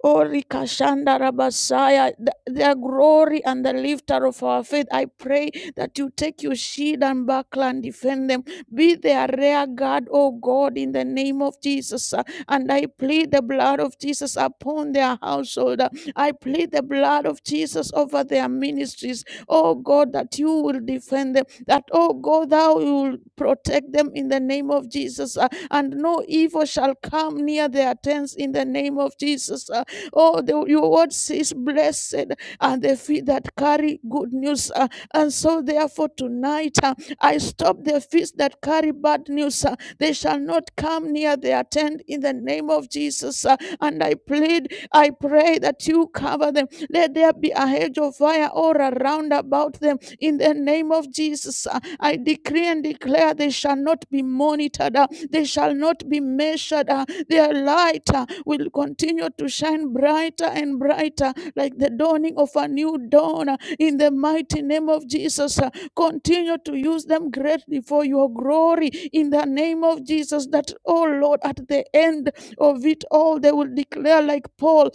H: Orikashanda Rabasaya, the, the glory and the lifter of our faith. I pray that you take your shield and buckler and defend them. Be their rear guard, O God, in the name of Jesus. Uh, And I plead the blood of Jesus upon their household. Uh, I plead the blood of Jesus over their ministries. Oh God, that you will defend them. That, oh God, thou will protect them in the name of Jesus. Uh, And no evil shall come near their tents in the name of Jesus. Uh, Oh, the, your word says, Blessed are the feet that carry good news. Uh, and so, therefore, tonight uh, I stop the feet that carry bad news. Uh, they shall not come near their tent in the name of Jesus. Uh, and I plead, I pray that you cover them. Let there be a hedge of fire all around about them in the name of Jesus. Uh, I decree and declare they shall not be monitored. Uh, they shall not be measured. uh, Their light uh, will continue to shine brighter and brighter, like the dawning of a new dawn. uh, In the mighty name of Jesus, uh, continue to use them greatly for your glory. In the name of Jesus, that, oh Lord, at the end of it all, they will declare, like Paul,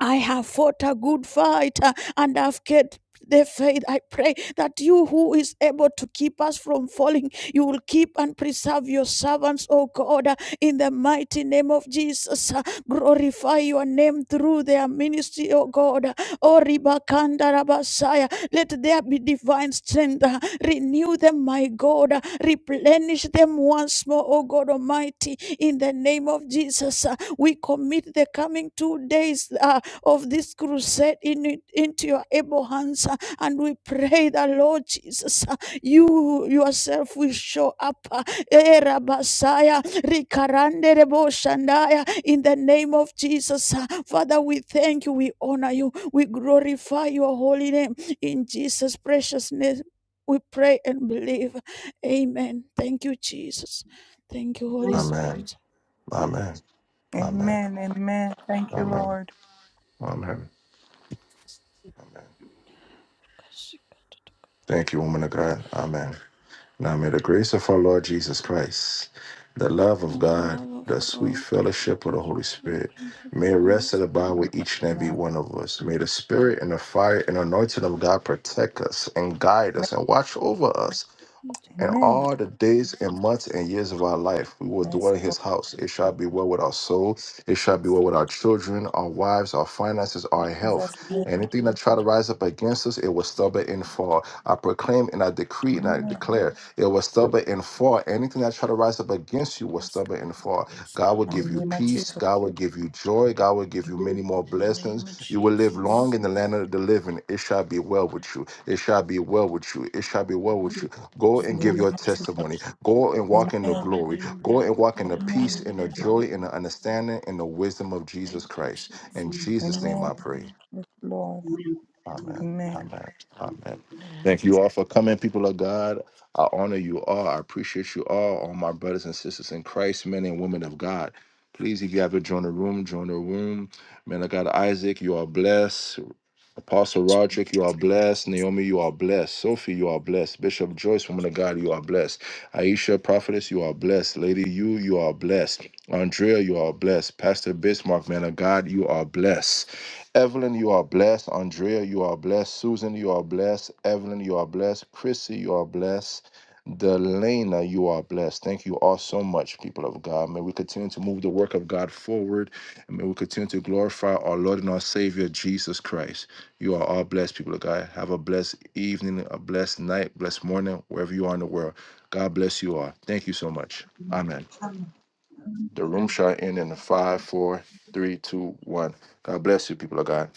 H: I have fought a good fight uh, and have kept the faith. I pray that you, who is able to keep us from falling, you will keep and preserve your servants, O God, uh, in the mighty name of Jesus. Uh, Glorify your name through their ministry, O God. Uh, O Ribakanda Rabasaya, let there be divine strength. Uh, Renew them, my God. Uh, Replenish them once more, O God Almighty, in the name of Jesus. Uh, We commit the coming two days. Uh, of this crusade in, it, into your able hands. uh, And we pray that, Lord Jesus, uh, you yourself will show up. uh, eh, Rabasaya, Rikarande Rebo Shandaya, In the name of Jesus, uh, Father, we thank you, we honor you, we glorify your holy name. In Jesus' precious name, we pray and believe. Amen. Thank you, Jesus. Thank you, Holy
I: Amen.
A: Amen.
H: Spirit.
A: Amen. Amen.
G: Amen. Amen. Thank you,
A: Amen.
G: Lord.
A: Amen. Thank you, woman of God. Amen. Now may the grace of our Lord Jesus Christ, the love of
H: And the
A: God,
H: love of
A: the
H: God.
A: sweet fellowship of the Holy
H: Answers for
A: Spirit,
H: appearance of
A: may rest
H: personalities,
A: and abide
H: specific
G: for
A: with
G: this
A: each and every
G: now.
A: one of us. May the Spirit and the fire and anointing of God protect us and guide us and watch over us
H: and type
A: and
H: of
G: Amen.
A: all the days and months and years of our life, we will
G: Yes,
A: dwell in
G: Lord.
A: his house. It shall be well with our soul. It shall be well with our children, our wives, our finances, our health.
G: Jesus'
I: Amen.
G: name.
A: Anything that try to rise up against us, it will stumble and fall. I proclaim and I decree and I
G: Amen.
A: declare, it will stumble and fall. Anything that try to rise up against you will stumble and fall. God will give
G: In the
A: you
G: name of
A: peace.
G: Jesus.
A: God will give you joy. God will give you many more blessings. You will live long in the land of the living. It shall be well with you. It shall be well with you. It shall be well with you. Go
G: In
A: and
G: the
A: give
I: Amen.
G: name
A: your
G: of Jesus.
A: testimony. Go and
G: Amen.
A: walk in the glory. Go and walk in the peace
G: Amen.
A: and the joy and the understanding and the wisdom of Jesus Christ. In Jesus' name
G: Amen.
A: I pray.
G: Yes, Lord.
I: Amen.
A: Amen.
I: Amen.
G: Amen.
A: Amen. Amen. Thank you all for coming, people of God. I honor you all. I appreciate you all, all my brothers and sisters in Christ, men and women of God. Please, if you haven't joined the room, join the room. Man of God, Isaac, you are blessed. Apostle Roderick, you are blessed. Naomi, you are blessed. Sophie, you are blessed. Bishop Joyce, woman of God, you are blessed. Aisha, prophetess, you are blessed. Lady, you, you are blessed. Andrea, you are blessed. Pastor Bismarck, man of God, you are blessed. Evelyn, you are blessed. Andrea, you are blessed. Susan, you are blessed. Evelyn, you are blessed. Chrissy, you are blessed. Delana, you are blessed. Thank you all so much, people of God. May we continue to move the work of God forward and may we continue to glorify our Lord and our Savior, Jesus Christ. You are all blessed, people of God. Have a blessed evening, a blessed night, blessed morning, wherever you are in the world. God bless you all. Thank you so much. Amen. The room shall end in five, four, three, two, one. God bless you, people of God.